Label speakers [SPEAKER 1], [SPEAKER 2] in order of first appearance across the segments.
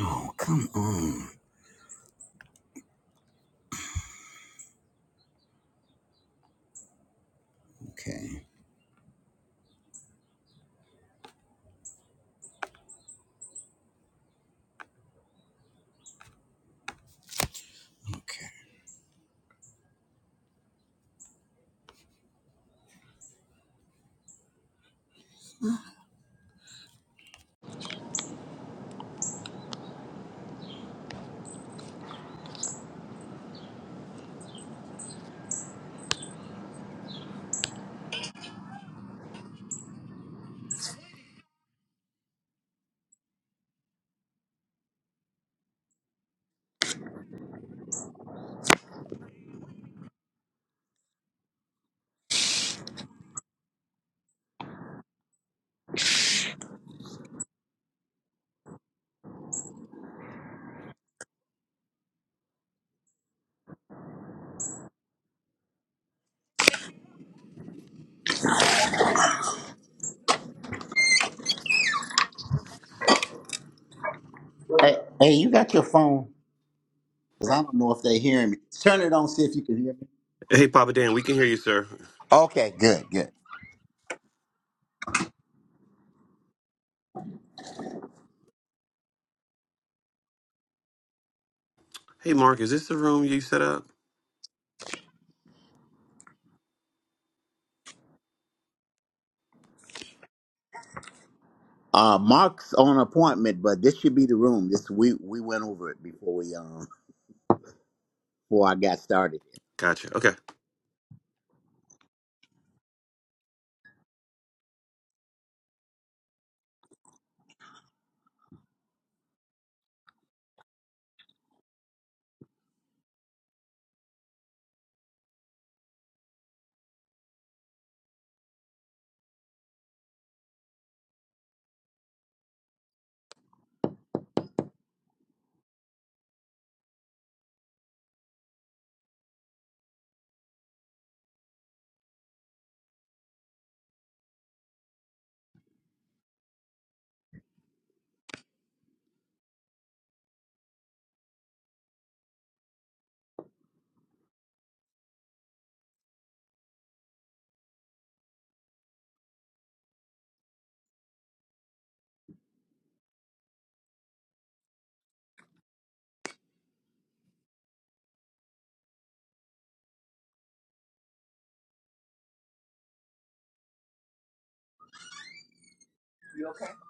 [SPEAKER 1] Oh, come on. Okay. Okay. Hey, hey, you got your phone? Because I don't know if they hearing me. Turn it on, see if you can hear me.
[SPEAKER 2] Hey, Papa Dan, we can hear you, sir.
[SPEAKER 1] Okay, good, good.
[SPEAKER 2] Hey, Mark, is this the room you set up?
[SPEAKER 1] Uh, Mark's on appointment, but this should be the room. This we we went over it before we um before I got started.
[SPEAKER 2] Gotcha. Okay.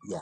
[SPEAKER 1] Yeah.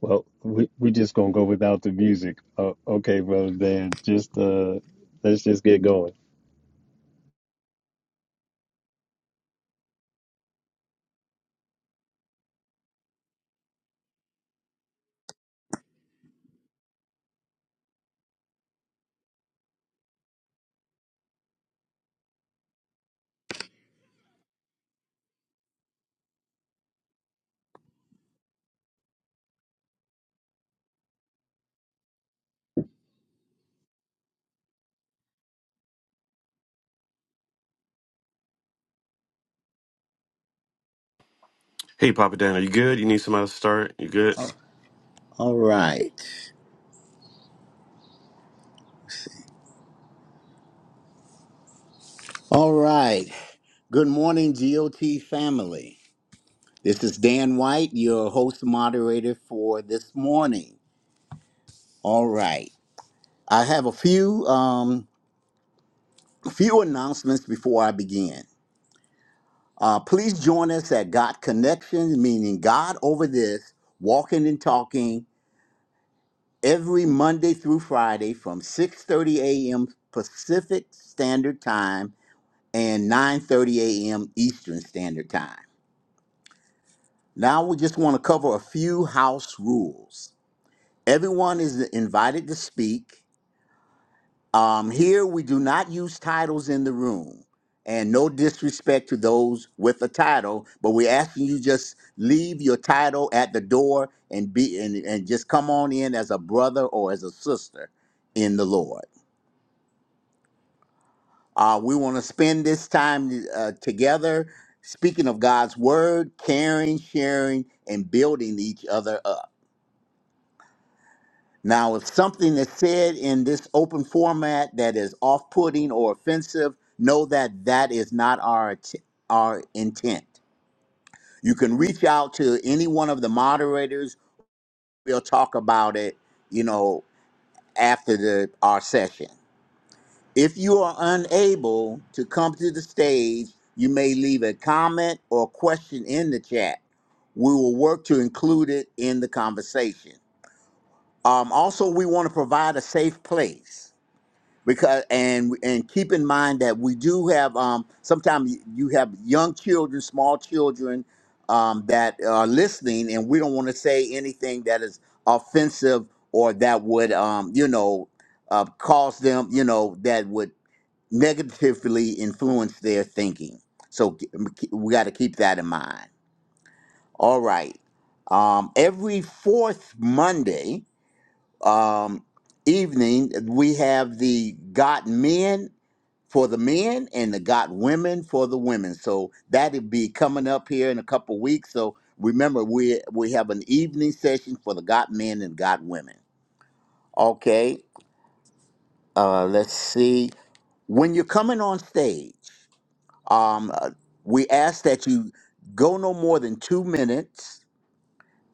[SPEAKER 3] Well, we we just gonna go without the music. Uh, okay, brother Dan, just uh, let's just get going.
[SPEAKER 2] Hey, Papa Dan, are you good? You need somebody to start? You good?
[SPEAKER 1] All right. All right. Good morning, GOT family. This is Dan White, your host moderator for this morning. All right. I have a few um few announcements before I begin. Uh, please join us at God Connections, meaning God over this, walking and talking every Monday through Friday from 6:30 a.m. Pacific Standard Time and 9:30 a.m. Eastern Standard Time. Now we just want to cover a few house rules. Everyone is invited to speak. Um, here we do not use titles in the room, and no disrespect to those with a title, but we're asking you just leave your title at the door and be and, and just come on in as a brother or as a sister in the Lord. Uh, we want to spend this time uh, together, speaking of God's word, caring, sharing, and building each other up. Now, if something is said in this open format that is off putting or offensive, know that that is not our, t- our intent. You can reach out to any one of the moderators. We'll talk about it, you know, after the, our session. If you are unable to come to the stage, you may leave a comment or question in the chat. We will work to include it in the conversation. Um, also, we want to provide a safe place. because and and keep in mind that we do have um sometimes you have young children small children um that are listening and we don't want to say anything that is offensive or that would um you know uh, cause them you know that would negatively influence their thinking so k- we got to keep that in mind all right um every fourth monday um evening we have the got men for the men and the got women for the women. So that'll be coming up here in a couple weeks. So remember, we we have an evening session for the got men and got women. Okay, uh, let's see. When you're coming on stage, um, uh, we ask that you go no more than two minutes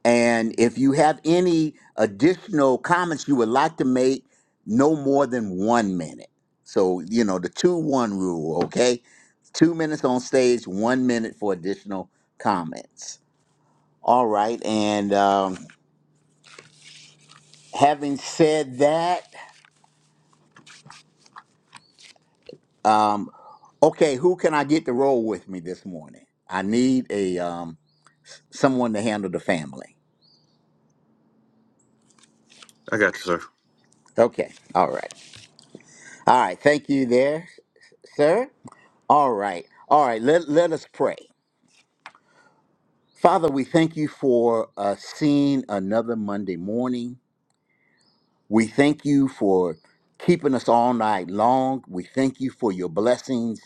[SPEAKER 1] And if you have any additional comments you would like to make, no more than one minute. So, you know, the two one rule, okay? Two minutes on stage, one minute for additional comments. All right. And um, having said that, um, okay, who can I get to roll with me this morning? I need a um, someone to handle the family.
[SPEAKER 2] I got you, sir.
[SPEAKER 1] Okay. All right. All right. Thank you there, sir. All right. All right. Let, let us pray. Father, we thank you for uh, seeing another Monday morning. We thank you for keeping us all night long. We thank you for your blessings.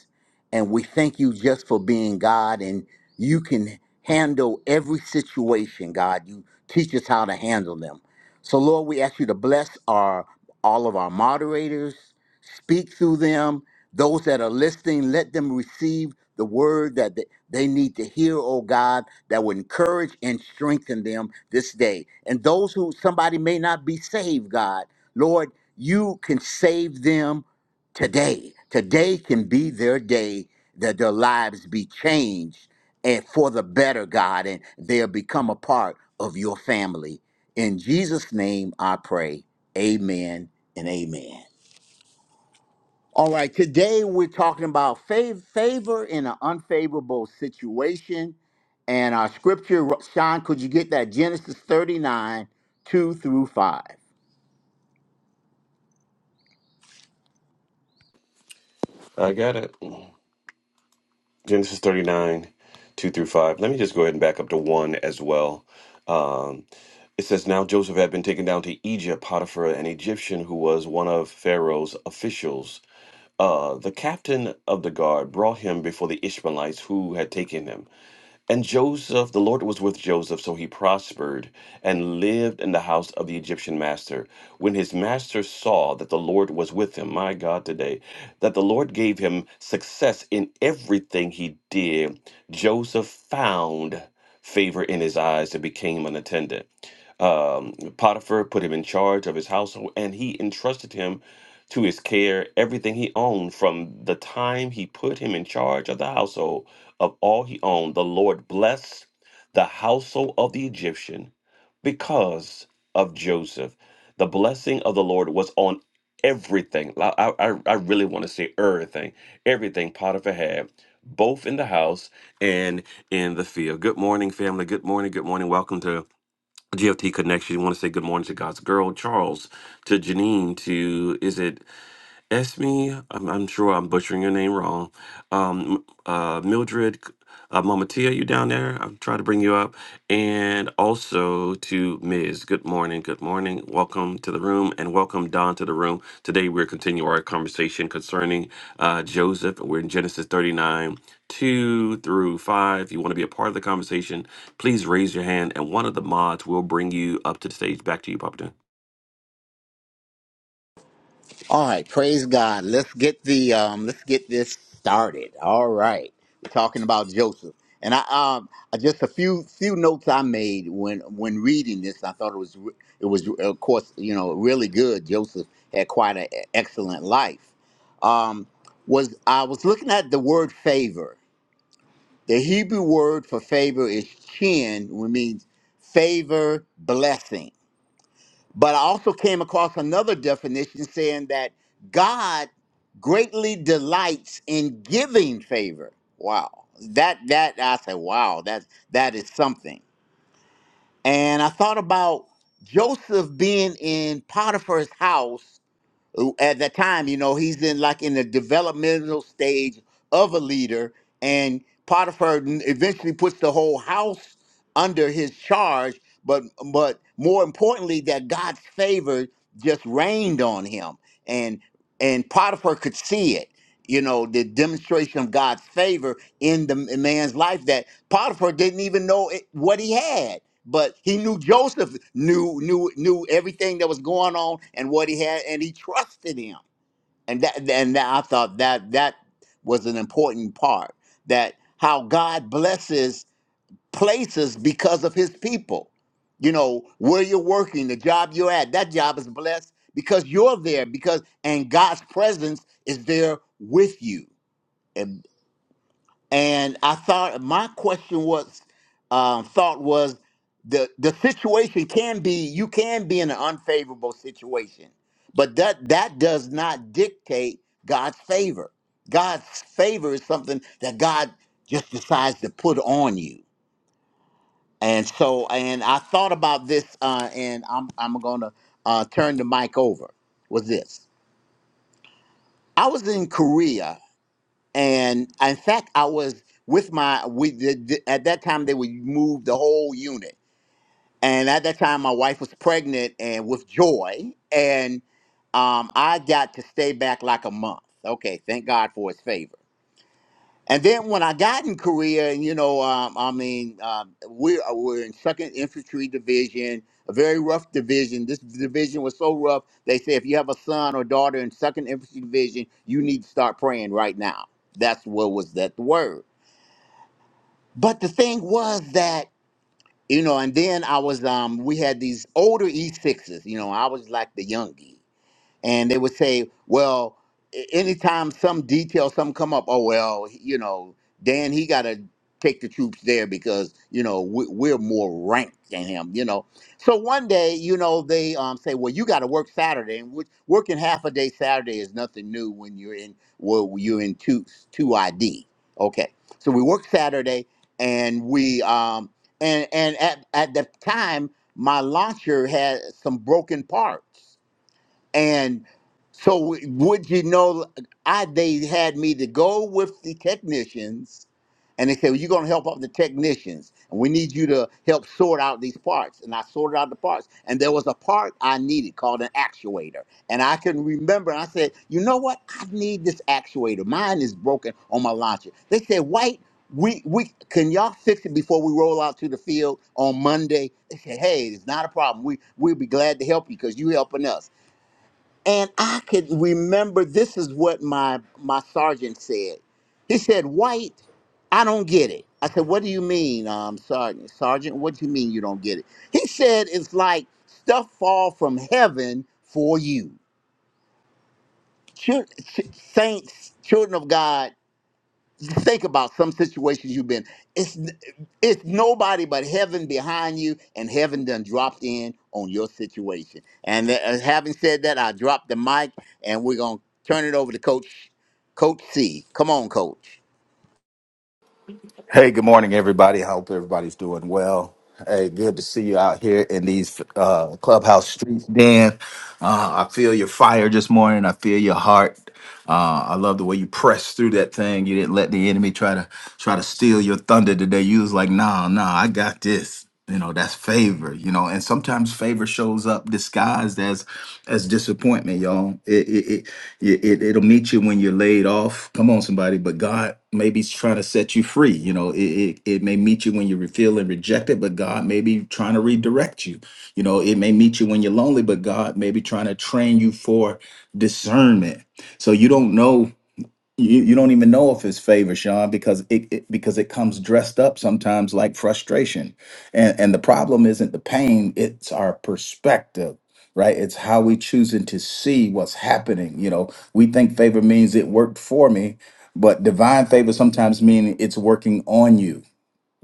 [SPEAKER 1] And we thank you just for being God. And you can handle every situation, God. You teach us how to handle them. So, Lord, we ask you to bless our all of our moderators, speak through them. Those that are listening, let them receive the word that they need to hear, oh God, that would encourage and strengthen them this day. And those who somebody may not be saved, God, Lord, you can save them today. Today can be their day that their lives be changed and for the better, God, and they'll become a part of your family. In Jesus' name I pray. Amen and amen. All right, today we're talking about fav- favor in an unfavorable situation. And our scripture, Sean, could you get that? Genesis 39, 2 through 5.
[SPEAKER 2] I got it. Genesis 39, 2 through 5. Let me just go ahead and back up to 1 as well. Um, it says, Now Joseph had been taken down to Egypt. Potiphar, an Egyptian who was one of Pharaoh's officials, uh, the captain of the guard, brought him before the Ishmaelites who had taken him. And Joseph, the Lord was with Joseph, so he prospered and lived in the house of the Egyptian master. When his master saw that the Lord was with him, my God, today, that the Lord gave him success in everything he did, Joseph found favor in his eyes and became an attendant. Um, Potiphar put him in charge of his household, and he entrusted him to his care everything he owned from the time he put him in charge of the household of all he owned, the Lord blessed the household of the Egyptian because of Joseph. The blessing of the Lord was on everything. I, I, I I really want to say everything, everything Potiphar had, both in the house and in the field. Good morning, family. Good morning. Good morning. Welcome to GFT Connection. You want to say good morning to God's girl, Charles, to Janine, to is it Esme, I'm, I'm sure I'm butchering your name wrong. Um, uh, Mildred, uh, Mama Tia, you down there? I'm trying to bring you up. And also to Ms. Good morning. Good morning. Welcome to the room and welcome Don to the room. Today we're continuing our conversation concerning uh, Joseph. We're in Genesis 39, 2 through 5. If you want to be a part of the conversation, please raise your hand and one of the mods will bring you up to the stage. Back to you, Papa Dan.
[SPEAKER 1] All right, praise God. Let's get the um let's get this started. All right. We're talking about Joseph. And I um I just a few few notes I made when when reading this. I thought it was re- it was of course, you know, really good. Joseph had quite an excellent life. um, was I was looking at the word favor. The Hebrew word for favor is chin, which means favor, blessing. But I also came across another definition saying that God greatly delights in giving favor. Wow. That that I said, wow, that that is something. And I thought about Joseph being in Potiphar's house at that time, you know, he's in like in the developmental stage of a leader, and Potiphar n- eventually puts the whole house under his charge. But but more importantly, that God's favor just rained on him, and and Potiphar could see it. You know, the demonstration of God's favor in the m- man's life that Potiphar didn't even know it, what he had but he knew Joseph knew knew knew everything that was going on and what he had, and he trusted him. And that and that, I thought that that was an important part that how God blesses places because of His people. You know where you're working, the job you're at, that job is blessed because you're there because and God's presence is there with you and I thought my question was, um, thought was, the the situation can be you can be in an unfavorable situation, but that that does not dictate God's favor. God's favor is something that God just decides to put on you. And so, and I thought about this, uh, and I'm I'm gonna uh, turn the mic over. Was this? I was in Korea and uh, in fact, I was with my we the, the- at that time they would move the whole unit, and at that time my wife was pregnant and with Joy, and um, I got to stay back like a month. Okay, thank God for His favor and then when I got in Korea, and you know, um, I mean, um, we're we're in Second Infantry Division, a very rough division. This division was so rough. They say if you have a son or daughter in Second Infantry Division, you need to start praying right now. That's what was that word. But the thing was that you know, and then I was um, we had these older E sixes. You know, I was like the youngie and they would say, "Well, a- anytime some detail some come up, oh well, you know, Dan he got to take the troops there because you know we, we're more ranked than him, you know." So one day, you know, they um, say, "Well, you got to work Saturday," and which, working half a day Saturday is nothing new when you're in well you're in two two ID. Okay, so we work Saturday, and we um and and at at the time my launcher had some broken parts and so, would you know, I they had me to go with the technicians, and they said, well, "You're going to help out the technicians, and we need you to help sort out these parts." And I sorted out the parts, and there was a part I needed called an actuator, and I can remember. And I said, "You know what? I need this actuator. Mine is broken on my launcher." They said, "White." We, we can y'all fix it before we roll out to the field on Monday. They said, "Hey, it's not a problem. We we'll be glad to help you because you helping us." And I could remember this is what my my sergeant said. He said, "White, I don't get it." I said, "What do you mean, um, sergeant? Sergeant, what do you mean you don't get it?" He said, "It's like stuff fall from heaven for you, Chil- ch- saints, children of God." think about some situations you've been. It's it's nobody but heaven behind you, and heaven done dropped in on your situation. And th- uh, having said that, I dropped the mic, and we're gonna turn it over to Coach Coach C. Come on, Coach.
[SPEAKER 4] Hey, good morning, everybody. I hope everybody's doing well. Hey, good to see you out here in these uh, clubhouse streets, Dan. Uh, I feel your fire this morning. I feel your heart. Uh, I love the way you pressed through that thing. You didn't let the enemy try to try to steal your thunder today. You was like, nah, nah, I got this. You know, that's favor, you know, and sometimes favor shows up disguised as as disappointment, y'all. It it, it it it'll meet you when you're laid off. Come on, somebody, but God maybe be trying to set you free. You know, it, it, it may meet you when you feel and rejected, but God may be trying to redirect you. You know, it may meet you when you're lonely, but God may be trying to train you for discernment so you don't know you, you don't even know if it's favor, Sean, because it, it because it comes dressed up sometimes like frustration. And and the problem isn't the pain, it's our perspective, right? It's how we choosing to see what's happening. You know, we think favor means it worked for me, but divine favor sometimes means it's working on you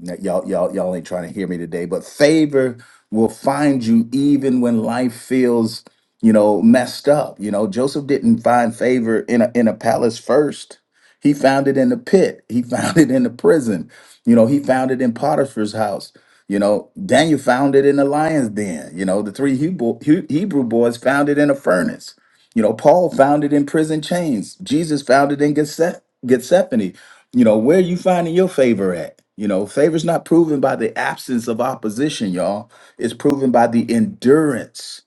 [SPEAKER 4] now, Y'all, y'all, y'all ain't trying to hear me today, but favor will find you even when life feels, you know, messed up. You know, Joseph didn't find favor in a in a palace first. He found it in the pit. He found it in the prison. You know, he found it in Potiphar's house. You know, Daniel found it in the lion's den. You know, the three Hebrew, He- Hebrew boys found it in a furnace. You know, Paul found it in prison chains. Jesus found it in Gethse- Gethsemane you know where are you finding your favor at you know favor's not proven by the absence of opposition y'all it's proven by the endurance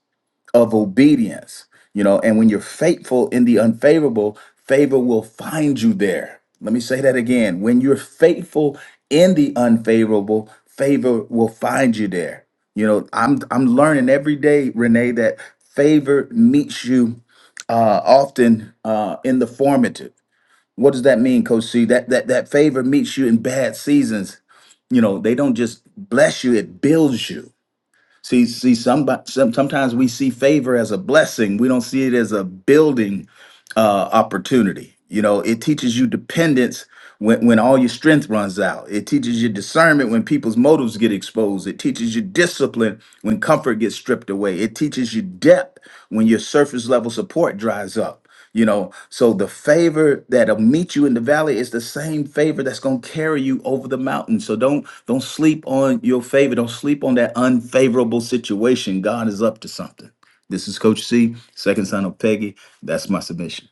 [SPEAKER 4] of obedience you know and when you're faithful in the unfavorable favor will find you there let me say that again when you're faithful in the unfavorable favor will find you there you know i'm i'm learning every day renee that favor meets you uh often uh in the formative what does that mean, Coach C? That that that favor meets you in bad seasons. You know, they don't just bless you; it builds you. See, see, somebody, some, sometimes we see favor as a blessing. We don't see it as a building uh, opportunity. You know, it teaches you dependence when, when all your strength runs out. It teaches you discernment when people's motives get exposed. It teaches you discipline when comfort gets stripped away. It teaches you depth when your surface level support dries up. You know, so the favor that'll meet you in the valley is the same favor that's gonna carry you over the mountain. So don't don't sleep on your favor. Don't sleep on that unfavorable situation. God is up to something. This is Coach C, second son of Peggy. That's my submission.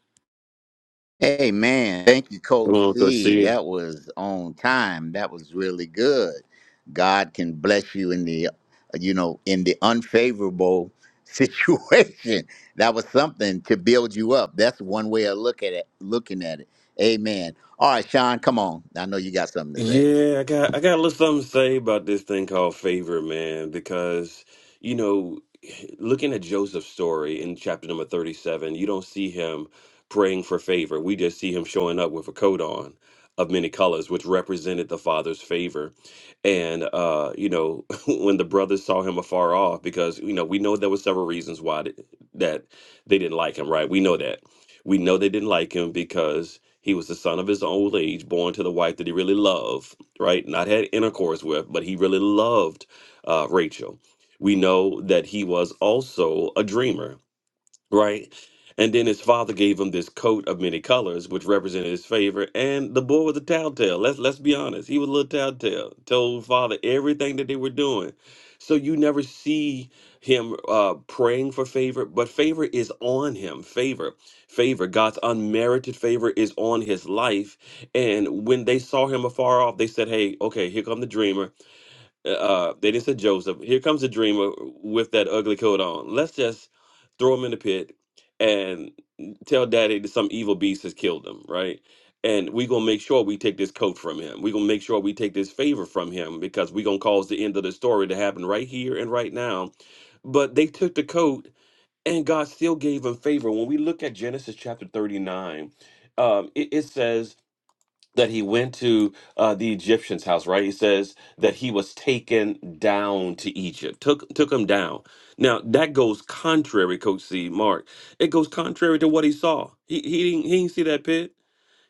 [SPEAKER 1] Hey man, thank you, Coach
[SPEAKER 2] Hello, Coach
[SPEAKER 1] C.
[SPEAKER 2] C.
[SPEAKER 1] That was on time. That was really good. God can bless you in the, you know, in the unfavorable situation. That was something to build you up. That's one way of look at it. Looking at it. Amen. All right, Sean, come on. I know you got something to say.
[SPEAKER 2] Yeah, I got I got a little something to say about this thing called favor, man, because you know, looking at Joseph's story in chapter number 37, you don't see him praying for favor. We just see him showing up with a coat on of many colors, which represented the father's favor. And uh, you know, when the brothers saw him afar off, because you know, we know there were several reasons why th- that they didn't like him, right? We know that. We know they didn't like him because. He was the son of his old age, born to the wife that he really loved, right? Not had intercourse with, but he really loved uh, Rachel. We know that he was also a dreamer right? And then his father gave him this coat of many colors, which represented his favor. And the boy was a tattletale. Let's let's be honest. He was a little tattletale. Told father everything that they were doing. So you never see him uh, praying for favor, but favor is on him. Favor, favor, God's unmerited favor is on his life. And when they saw him afar off, they said, "Hey, okay, here come the dreamer uh they didn't say joseph here comes the dreamer with that ugly coat on let's just throw him in the pit and tell daddy that some evil beast has killed him right and we gonna make sure we take this coat from him we gonna make sure we take this favor from him because we gonna cause the end of the story to happen right here and right now but they took the coat and god still gave him favor when we look at genesis chapter 39 um, it it says that he went to uh, the Egyptian's house, right? He says that he was taken down to Egypt, took took him down. Now that goes contrary, Coach C. Mark. It goes contrary to what he saw. He he didn't, he didn't see that pit.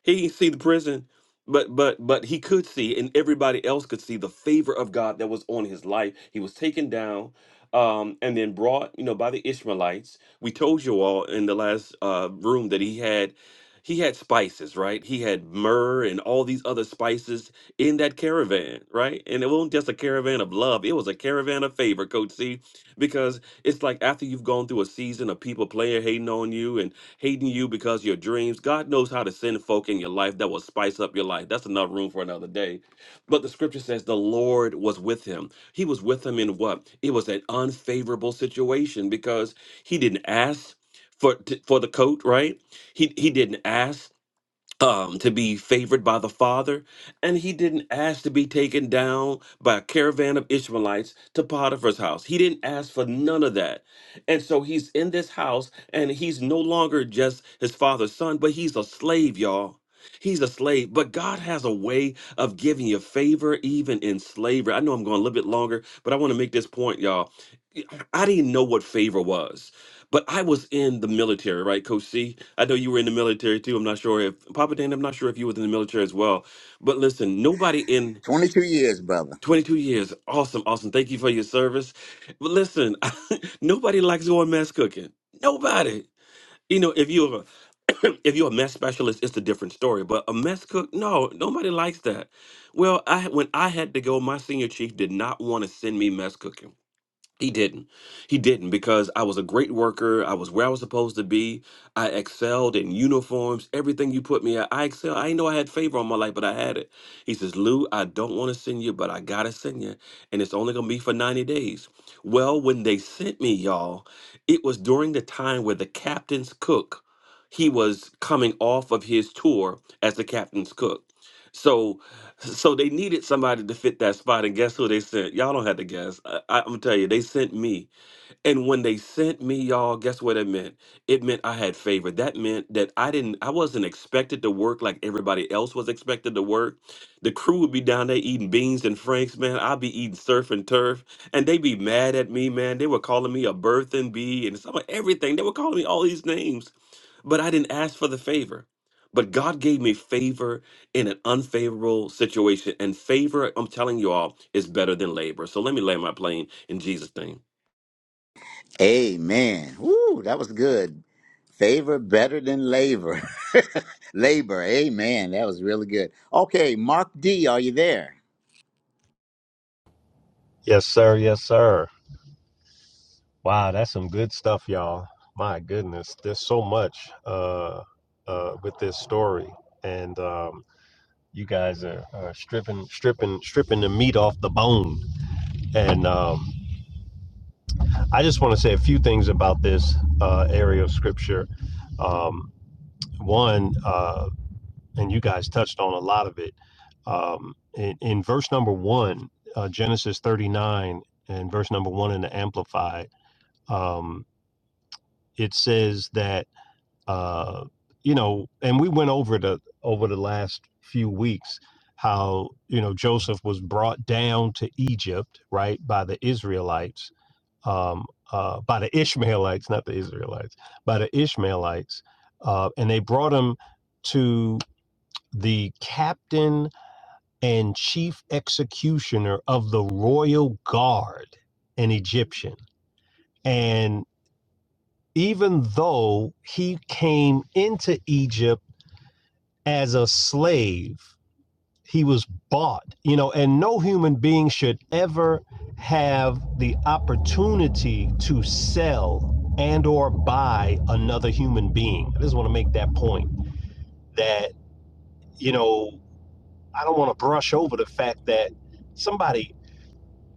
[SPEAKER 2] He didn't see the prison, but but but he could see, and everybody else could see the favor of God that was on his life. He was taken down, um, and then brought, you know, by the Ishmaelites. We told you all in the last uh, room that he had. He had spices, right? He had myrrh and all these other spices in that caravan, right? And it wasn't just a caravan of love, it was a caravan of favor, Coach C, because it's like after you've gone through a season of people playing, hating on you, and hating you because your dreams. God knows how to send folk in your life that will spice up your life. That's enough room for another day. But the scripture says the Lord was with him. He was with him in what? It was an unfavorable situation because he didn't ask for t- for the coat, right? He he didn't ask um, to be favored by the Father, and he didn't ask to be taken down by a caravan of Ishmaelites to Potiphar's house. He didn't ask for none of that. And so he's in this house, and he's no longer just his father's son, but he's a slave, y'all. He's a slave, but God has a way of giving you favor even in slavery. I know I'm going a little bit longer, but I want to make this point, y'all. I didn't know what favor was, but I was in the military, right, Coach C? I know you were in the military too. I'm not sure if Papa Dan, I'm not sure if you were in the military as well. But listen, nobody in
[SPEAKER 1] Twenty-two years, brother.
[SPEAKER 2] 22 years, awesome, awesome. Thank you for your service. But listen, nobody likes going mess cooking. Nobody. You know, if you're a if you're a mess specialist, it's a different story. But a mess cook, no, nobody likes that. Well, I when I had to go, my senior chief did not want to send me mess cooking. He didn't. He didn't because I was a great worker. I was where I was supposed to be. I excelled in uniforms, everything you put me at. I excel. I didn't know I had favor on my life, but I had it. He says, Lou, I don't want to send you, but I got to send you. And it's only going to be for 90 days. Well, when they sent me, y'all, it was during the time where the captain's cook, he was coming off of his tour as the captain's cook. So so they needed somebody to fit that spot, and guess who they sent? Y'all don't have to guess. I, I, I'm gonna tell you, they sent me. And when they sent me, y'all, guess what it meant? It meant I had favor. That meant that I didn't, I wasn't expected to work like everybody else was expected to work. The crew would be down there eating beans and franks, man. I'd be eating surf and turf, and they'd be mad at me, man. They were calling me a birthing bee and some of everything. They were calling me all these names, but I didn't ask for the favor. But God gave me favor in an unfavorable situation, and favor, I'm telling you all, is better than labor. So let me land my plane in Jesus' name.
[SPEAKER 1] Amen. Woo, that was good. Favor better than labor. labor. Amen. That was really good. Okay, Mark D, are you there?
[SPEAKER 3] Yes, sir. Yes, sir. Wow, that's some good stuff, y'all. My goodness, there's so much uh, uh, with this story, and um, you guys are, are stripping, stripping, stripping the meat off the bone. And um, I just want to say a few things about this uh, area of scripture. Um, one. uh, and you guys touched on a lot of it. Um, in, in verse number one, uh, Genesis 39 and verse number one in the Amplified, um, it says that, uh, you know, and we went over the over the last few weeks how, you know, Joseph was brought down to Egypt, right, by the Israelites, um, uh, by the Ishmaelites, not the Israelites, by the Ishmaelites. Uh, and they brought him to the captain and chief executioner of the royal guard, an Egyptian. And even though he came into Egypt as a slave, he was bought, you know, and no human being should ever have the opportunity to sell and or buy another human being. I just want to make that point that, you know, I don't want to brush over the fact that somebody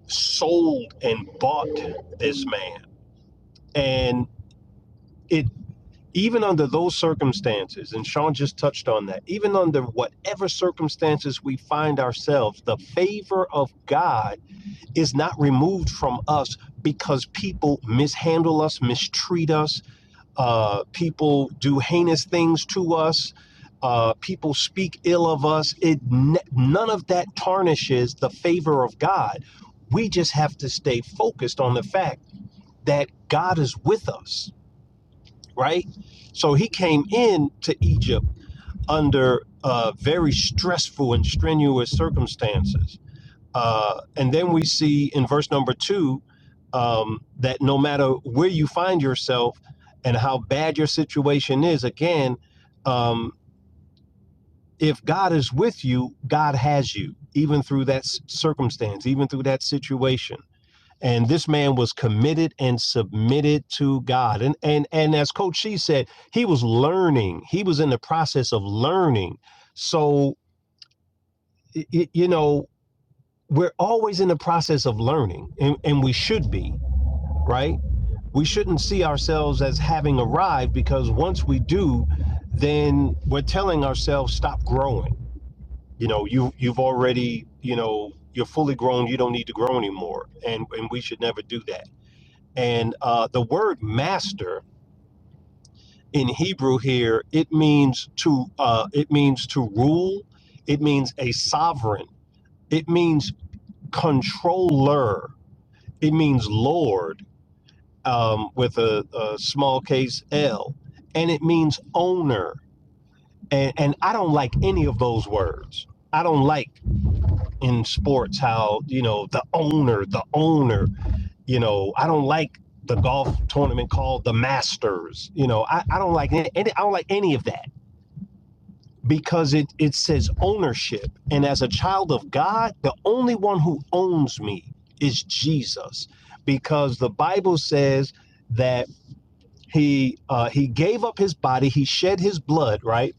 [SPEAKER 3] sold and bought this man. And it, even under those circumstances, and Sean just touched on that, even under whatever circumstances we find ourselves, the favor of God is not removed from us because people mishandle us, mistreat us, uh, people do heinous things to us. Uh, people speak ill of us. It none of that tarnishes the favor of God. We just have to stay focused on the fact that God is with us, right? So he came in to Egypt under uh, very stressful and strenuous circumstances. Uh, and then we see in verse number two um, that no matter where you find yourself and how bad your situation is, again, um, if God is with you, God has you, even through that circumstance, even through that situation and this man was committed and submitted to God. And and and as Coach She said, he was learning. He was in the process of learning. So y- you know, we're always in the process of learning, and, and we should be right. We shouldn't see ourselves as having arrived because once we do, then we're telling ourselves stop growing. You know, you you've already you know you're fully grown. You don't need to grow anymore, and and we should never do that And uh, the word master in Hebrew here it means to uh, it means to rule. It means a sovereign. It means controller. It means lord um, with a, a small case L, and it means owner. And, and I don't like any of those words. I don't like in sports how you know the owner, the owner. you know, I don't like the golf tournament called the Masters. You know, I, I don't like any, I don't like any of that because it it says ownership, and as a child of God, the only one who owns me is Jesus, because the Bible says that he uh, he gave up his body, he shed his blood, right,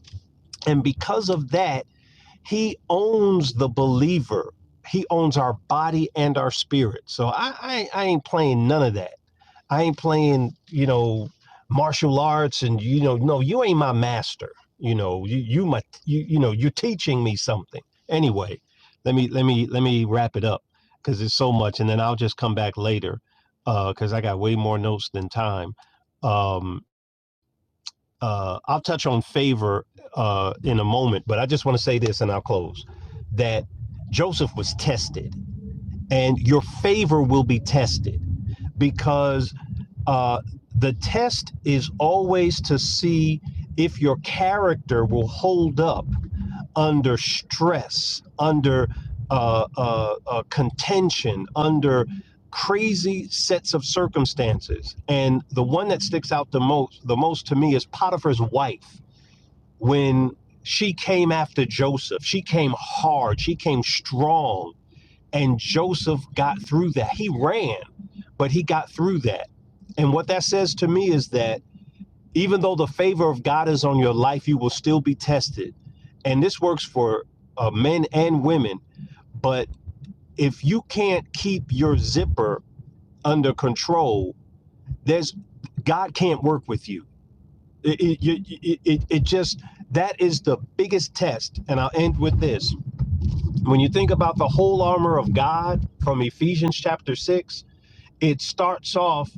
[SPEAKER 3] and because of that, he owns the believer. He owns our body and our spirit. So I, I, I ain't playing none of that. I ain't playing, you know, martial arts and you know, no, you ain't my master. You know, you you my you you know, you're teaching me something. Anyway, let me let me let me wrap it up because it's so much, and then I'll just come back later uh, because I got way more notes than time. Um, uh, I'll touch on favor uh, in a moment, but I just want to say this, and I'll close that Joseph was tested, and your favor will be tested because uh, the test is always to see if your character will hold up under stress, under uh, uh, uh, contention, under crazy sets of circumstances. And the one that sticks out the most, the most to me, is Potiphar's wife. When she came after Joseph, she came hard. She came strong. And Joseph got through that. He ran, but he got through that. And what that says to me is that even though the favor of God is on your life, you will still be tested. And this works for uh, men and women. But if you can't keep your zipper under control, there's God can't work with you. It, it, it, it just that is the biggest test. And I'll end with this. When you think about the whole armor of God from Ephesians chapter 6, It starts off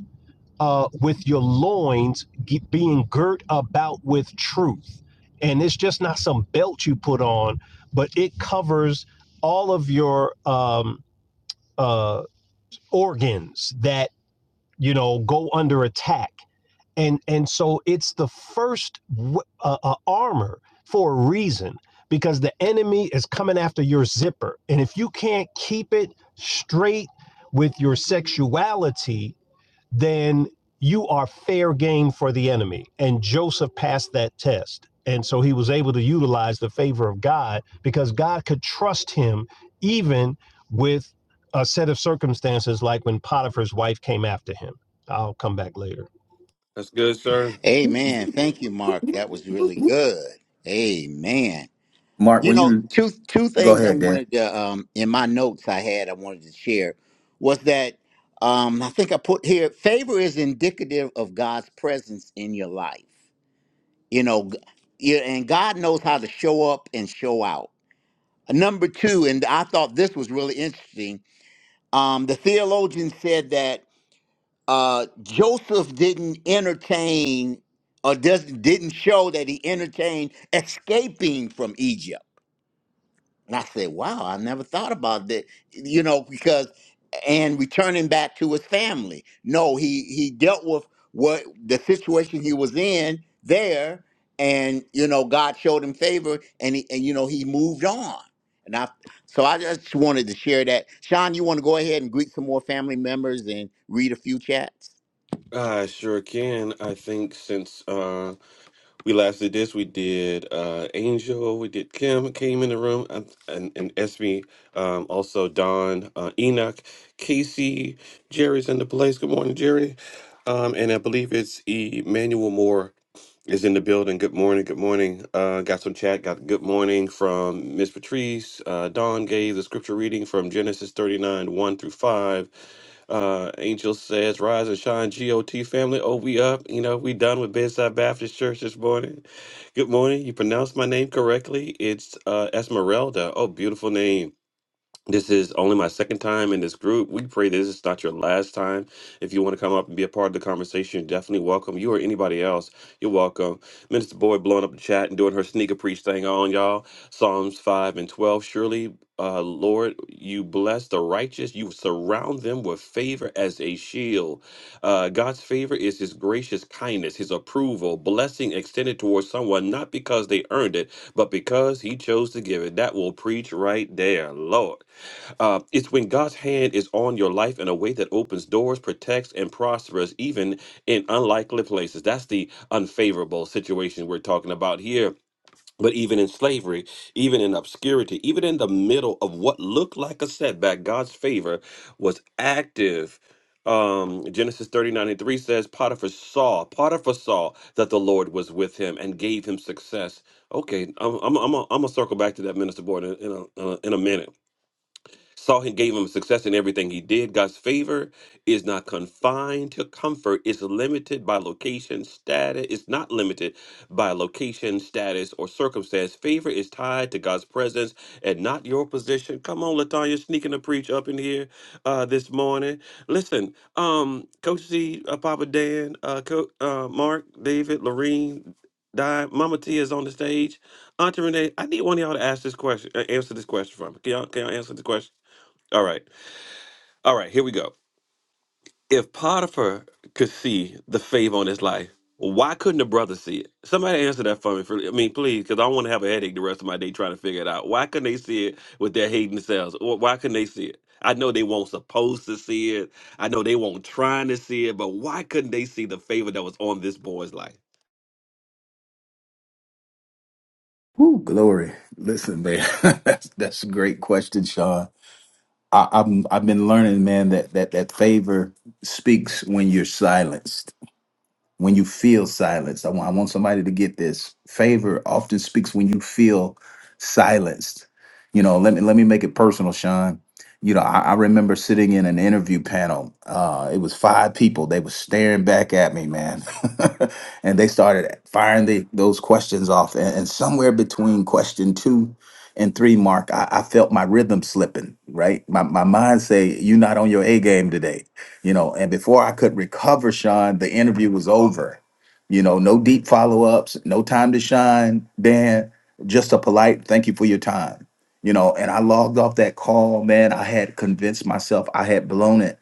[SPEAKER 3] uh, with your loins ge- being girt about with truth. And it's just not some belt you put on, but it covers all of your um, uh, organs that, you know, go under attack. And, and so it's the first w- uh, uh, armor for a reason because the enemy is coming after your zipper. And if you can't keep it straight with your sexuality, then you are fair game for the enemy. And Joseph passed that test. And so he was able to utilize the favor of God because God could trust him even with a set of circumstances like when Potiphar's wife came after him. I'll come back later.
[SPEAKER 2] That's good, sir.
[SPEAKER 1] Amen. Thank you, Mark. That was really good. Amen.
[SPEAKER 4] Mark,
[SPEAKER 1] You
[SPEAKER 4] when
[SPEAKER 1] know,
[SPEAKER 4] you
[SPEAKER 1] two two
[SPEAKER 4] go
[SPEAKER 1] things I
[SPEAKER 4] ahead, Dan.
[SPEAKER 1] wanted to um in my notes I had I wanted to share was that um I think I put here favor is indicative of God's presence in your life. You know, g- yeah, and God knows how to show up and show out. Number two, and I thought this was really interesting. Um, the theologian said that uh, Joseph didn't entertain or doesn't didn't show that he entertained escaping from Egypt. And I said, wow, I never thought about that, you know, because and returning back to his family. No, he he dealt with what the situation he was in there, and you know, God showed him favor, and he, and you know, he moved on. And I, so I just wanted to share that. Sean, you want to go ahead and greet some more family members and read a few chats?
[SPEAKER 2] I sure can. I think since uh, we last did this, we did uh, Angel, we did Kim came in the room, and and, and Esme, um, also Don, uh, Enoch, Casey, Jerry's in the place. Good morning, Jerry. Um, and I believe it's Emmanuel Moore is in the building. Good morning. Good morning. Uh, got some chat. Got good morning from Miss Patrice. Uh, Don gave the scripture reading from Genesis 39, 1 through 5. Uh, Angel says, "Rise and shine, GOT family." Oh, we up. You know, we done with Bedside Baptist Church this morning. Good morning. You pronounced my name correctly. It's uh, Esmeralda. Oh, beautiful name. This is only my second time in this group. We pray this is not your last time. If you want to come up and be a part of the conversation, you're definitely welcome. You or anybody else, you're welcome. Minister Boyd blowing up the chat and doing her sneaker preach thing on y'all. Psalms 5 and 12. Surely, uh, Lord, you bless the righteous. You surround them with favor as a shield. Uh, God's favor is his gracious kindness, his approval, blessing extended towards someone, not because they earned it, but because he chose to give it. That will preach right there, Lord. Uh, it's when God's hand is on your life in a way that opens doors, protects, and prospers, even in unlikely places. That's the unfavorable situation we're talking about here. But even in slavery, even in obscurity, even in the middle of what looked like a setback, God's favor was active. Um, Genesis 39 and 3 says, Potiphar saw, Potiphar saw that the Lord was with him and gave him success. Okay, I'm, I'm, I'm, gonna- I'm gonna circle back to that minister board in, in, a, in a in a minute Saw him gave him success in everything he did. God's favor is not confined to comfort. It's limited by location, status. It's not limited by location, status, or circumstance. Favor is tied to God's presence and not your position. Come on, Latanya, sneaking to preach up in here uh, this morning. Listen, um, Coach C, uh, Papa Dan, uh, Co- uh, Mark, David, Lorene, Di, Mama Tia is on the stage. Auntie Renee, I need one of y'all to ask this question, uh, answer this question for me. Can y'all, can y'all answer the question? All right. All right, here we go. If Potiphar could see the favor on his life, why couldn't the brother see it? Somebody answer that for me. For, I mean, please, because I don't want to have a headache the rest of my day trying to figure it out. Why couldn't they see it with their hating selves? Wh- Why couldn't they see it? I know they weren't supposed to see it. I know they weren't trying to see it, but why couldn't they see the favor that was on this boy's life?
[SPEAKER 4] Ooh, glory. Listen, man, that's, that's a great question, Sean. I, I'm I've been learning, man, that that that favor speaks when you're silenced. when you feel silenced, I want, I want somebody to get this. Favor often speaks when you feel silenced. You know, let me let me make it personal, Sean. You know, I, I remember sitting in an interview panel. Uh, it was five people. They were staring back at me, man, and they started firing the, those questions off. And, and somewhere between question two and three, Mark, I, I felt my rhythm slipping. Right, my my mind say, "You're not on your A game today." you know and before i could recover sean the interview was over you know no deep follow-ups no time to shine dan just a polite thank you for your time you know and i logged off that call man i had convinced myself i had blown it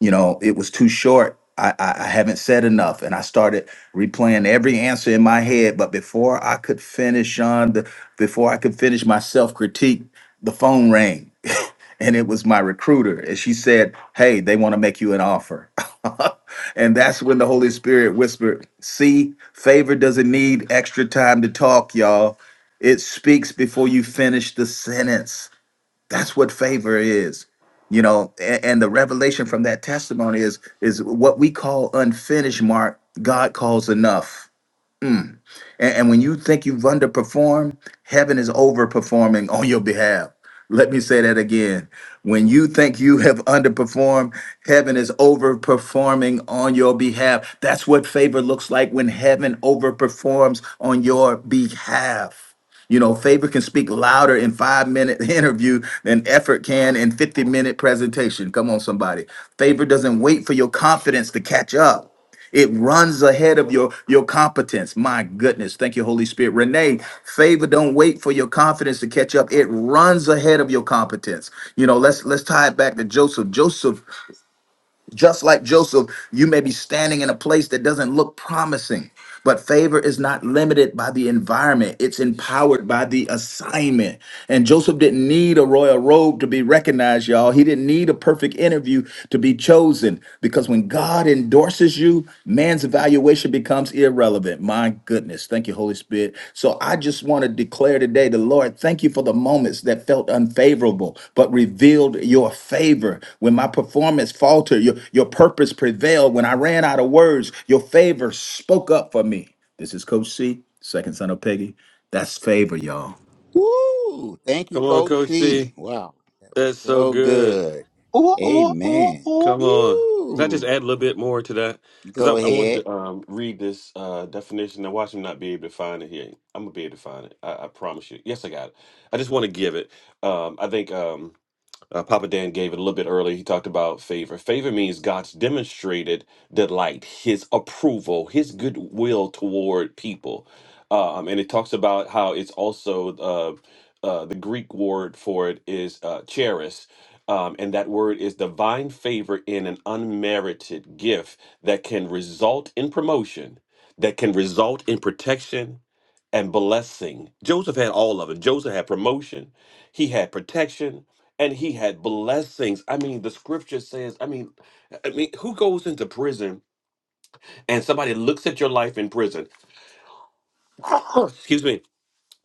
[SPEAKER 4] you know it was too short I, I I haven't said enough, and I started replaying every answer in my head. But before I could finish, Sean, the, before I could finish my self critique, the phone rang and it was my recruiter and she said hey they want to make you an offer and that's when the holy spirit whispered see favor doesn't need extra time to talk y'all it speaks before you finish the sentence that's what favor is you know and, and the revelation from that testimony is is what we call unfinished mark god calls enough and, and when you think you've underperformed, heaven is overperforming on your behalf. Let me say that again. When you think you have underperformed, heaven is overperforming on your behalf. That's what favor looks like when heaven overperforms on your behalf. You know, favor can speak louder in five minute interview than effort can in 50 minute presentation. Come on, somebody. Favor doesn't wait for your confidence to catch up. It runs ahead of your your competence. My goodness. Thank you, Holy Spirit. Renee, favor don't wait for your confidence to catch up. It runs ahead of your competence. You know, let's let's tie it back to Joseph. Joseph, just like Joseph, you may be standing in a place that doesn't look promising. But favor is not limited by the environment. It's empowered by the assignment. And Joseph didn't need a royal robe to be recognized, y'all. He didn't need a perfect interview to be chosen because when God endorses you, Man's evaluation becomes irrelevant. My goodness. Thank you, Holy Spirit. So I just want to declare today the Lord, thank you for the moments that felt unfavorable, but revealed your favor. When my performance faltered, your, your purpose prevailed. When I ran out of words, your favor spoke up for me. This is Coach C, second son of Peggy. That's favor, y'all.
[SPEAKER 1] Woo! Thank you,
[SPEAKER 2] Come on,
[SPEAKER 1] Coach
[SPEAKER 2] Coach C.
[SPEAKER 1] C. Wow,
[SPEAKER 2] That's so
[SPEAKER 1] so
[SPEAKER 2] good.
[SPEAKER 1] good.
[SPEAKER 3] Ooh, ooh, ooh,
[SPEAKER 1] Amen.
[SPEAKER 3] ooh.
[SPEAKER 2] Come on. Can I just
[SPEAKER 1] Woo!
[SPEAKER 2] add a little bit more to that?
[SPEAKER 1] Go
[SPEAKER 2] Because I, I wanted
[SPEAKER 1] ahead.
[SPEAKER 2] to um, read this uh, definition. and watch him not be able to find it here. I'm going to be able to find it. I, I promise you. Yes, I got it. I just want to give it. Um, I think. Um, uh, Papa Dan gave it a little bit earlier. He talked about favor. Favor means God's demonstrated delight, His approval, His goodwill toward people. Uh, Um, and it talks about how it's also uh, uh, the Greek word for it is uh, charis. Um, and that word is divine favor in an unmerited gift that can result in promotion, that can result in protection, and blessing. Joseph had all of it. Joseph had promotion, he had protection, and he had blessings. I mean, the scripture says, I mean, I mean, who goes into prison and somebody looks at your life in prison? Excuse me.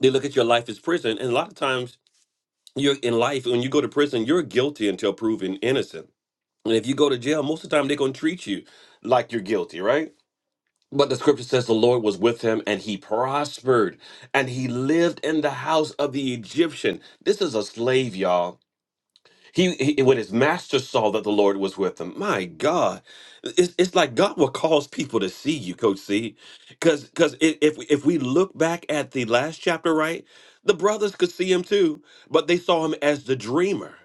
[SPEAKER 2] They look at your life as prison, and a lot of times you're in life when you go to prison, you're guilty until proven innocent. And if you go to jail, most of the time they're gonna treat you like you're guilty, right? But the scripture says the Lord was with him and he prospered and he lived in the house of the Egyptian. This is a slave, y'all. He, he- when his master saw that the Lord was with him, my God, it's, it's like God will cause people to see you, Coach C. Because because if if we look back at the last chapter, right, the brothers could see him too, but they saw him as the dreamer.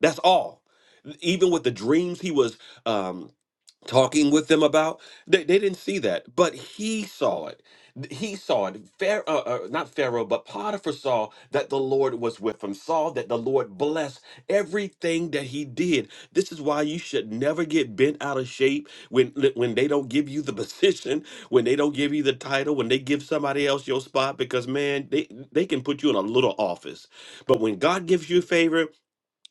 [SPEAKER 2] That's all. Even with the dreams he was um talking with them about they, they didn't see that but he saw it he saw it pharaoh uh, uh, not pharaoh but potiphar saw that the lord was with him saw that the lord blessed everything that he did this is why you should never get bent out of shape when when they don't give you the position when they don't give you the title when they give somebody else your spot because man they they can put you in a little office but when god gives you favor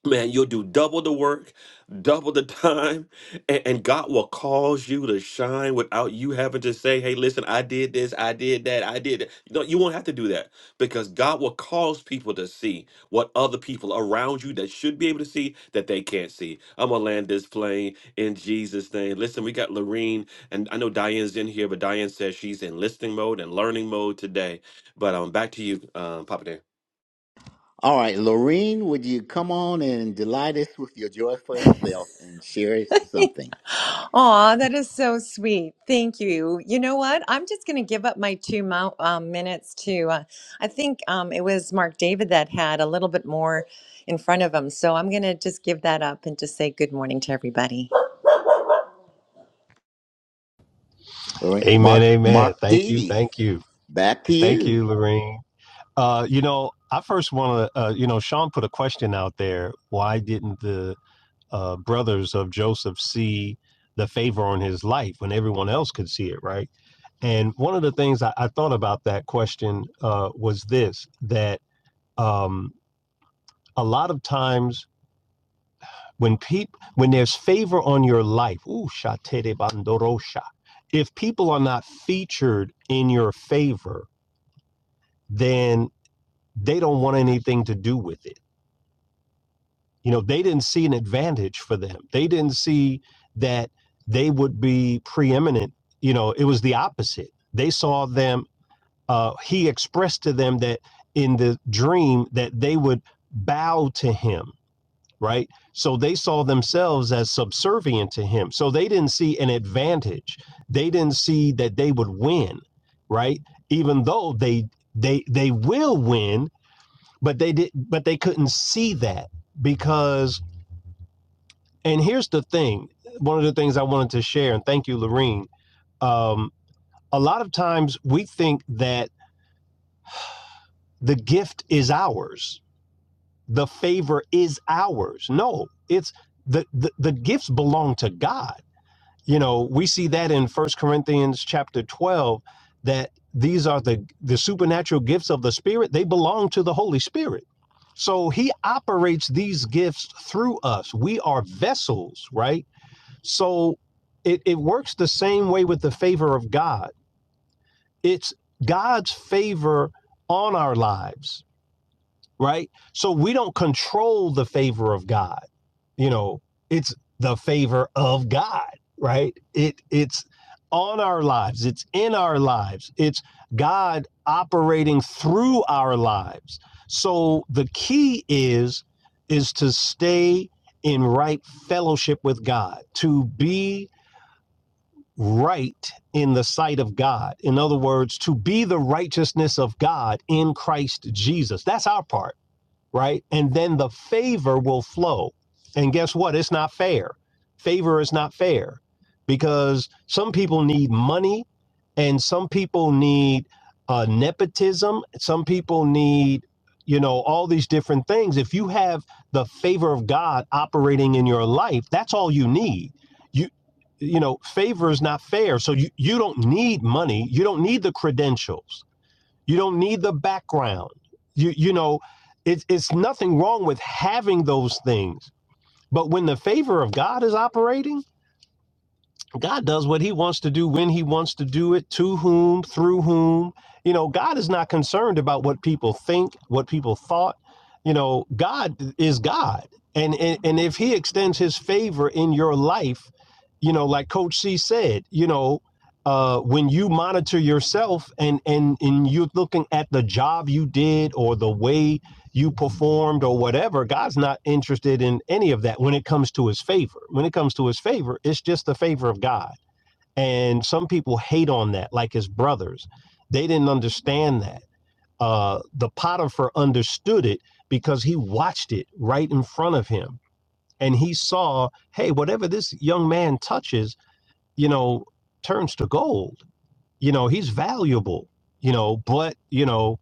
[SPEAKER 2] Man, you'll do double the work, double the time, and, and God will cause you to shine without you having to say, hey, listen, I did this, I did that, I did that. No, you won't have to do that because God will cause people to see what other people around you that should be able to see that they can't see. I'm going to land this plane in Jesus' name. Listen, we got Lorene, and I know Diane's in here, but Diane says she's in listening mode and learning mode today. But um, back to you, um, Papa Dan.
[SPEAKER 1] All right, Lorene, would you come on and delight us with your joyful self and share something?
[SPEAKER 5] Aw, that is so sweet. Thank you. You know what? I'm just going to give up my two mo- um, minutes to. Uh, I think um, it was Mark David that had a little bit more in front of him. So I'm going to just give that up and just say good morning to everybody.
[SPEAKER 1] All right,
[SPEAKER 3] Amen,
[SPEAKER 1] Mark,
[SPEAKER 3] amen.
[SPEAKER 1] Mark
[SPEAKER 3] Thank you,
[SPEAKER 1] D.
[SPEAKER 3] thank you.
[SPEAKER 1] Back to
[SPEAKER 3] Thank
[SPEAKER 1] you.
[SPEAKER 3] you, Lorene. Uh, you know, I first want to, uh, you know, Sean put a question out there. Why didn't the uh, brothers of Joseph see the favor on his life when everyone else could see it, right? And one of the things I, I thought about that question uh, was this: that um, a lot of times when people when there's favor on your life, ooh, shatere bandorosha, if people are not featured in your favor, then they don't want anything to do with it You know, they didn't see an advantage for them. They didn't see that they would be preeminent. You know, it was the opposite. They saw them, uh, he expressed to them that in the dream that they would bow to him, right? So they saw themselves as subservient to him. So they didn't see an advantage. They didn't see that they would win, right? Even though they they they will win, but they did but they couldn't see that because and here's the thing one of the things I wanted to share, and thank you, Lorene. Um, a lot of times we think that the gift is ours, the favor is ours. No, it's the, the, the gifts belong to God. You know, we see that in First Corinthians chapter 12 that these are the, the supernatural gifts of the Spirit, they belong to the Holy Spirit. So he operates these gifts through us. We are vessels, right? So it, it works the same way with the favor of God. It's God's favor on our lives, right? So we don't control the favor of God. You know, it's the favor of God, right? It it's on our lives, it's in our lives, it's God operating through our lives. So the key is is to stay in right fellowship with God, to be right in the sight of God. In other words, to be the righteousness of God in Christ Jesus. That's our part right? And then the favor will flow. And guess what? It's not fair. Favor is not fair because some people need money and some people need uh, nepotism. Some people need, you know, all these different things. If you have the favor of God operating in your life, that's all you need. You, you know, favor is not fair. So you, you don't need money. You don't need the credentials you don't need the background. You you know, it's it's nothing wrong with having those things. But when the favor of God is operating, God does what he wants to do when he wants to do it, to whom, through whom. You know, God is not concerned about what people think, what people thought. You know, God is God. And and, and if he extends his favor in your life, you know, like Coach C said, you know, uh, when you monitor yourself and and and you're looking at the job you did or the way you performed or whatever. God's not interested in any of that when it comes to his favor. When it comes to his favor, it's just the favor of God. And some people hate on that, like his brothers. They didn't understand that. Uh, the Potiphar understood it because he watched it right in front of him. And he saw, hey, whatever this young man touches, you know, turns to gold. You know, he's valuable, you know, but, you know,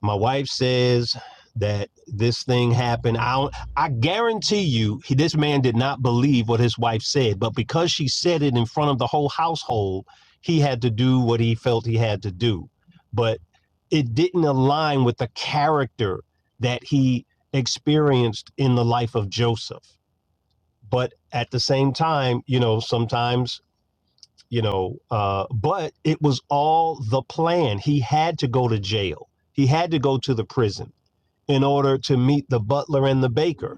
[SPEAKER 3] my wife says that this thing happened. I don't, I guarantee you, he, this man did not believe what his wife said, but because she said it in front of the whole household, he had to do what he felt he had to do. But it didn't align with the character that he experienced in the life of Joseph. But at the same time, you know, sometimes, you know, uh, but it was all the plan. He had to go to jail. He had to go to the prison in order to meet the butler and the baker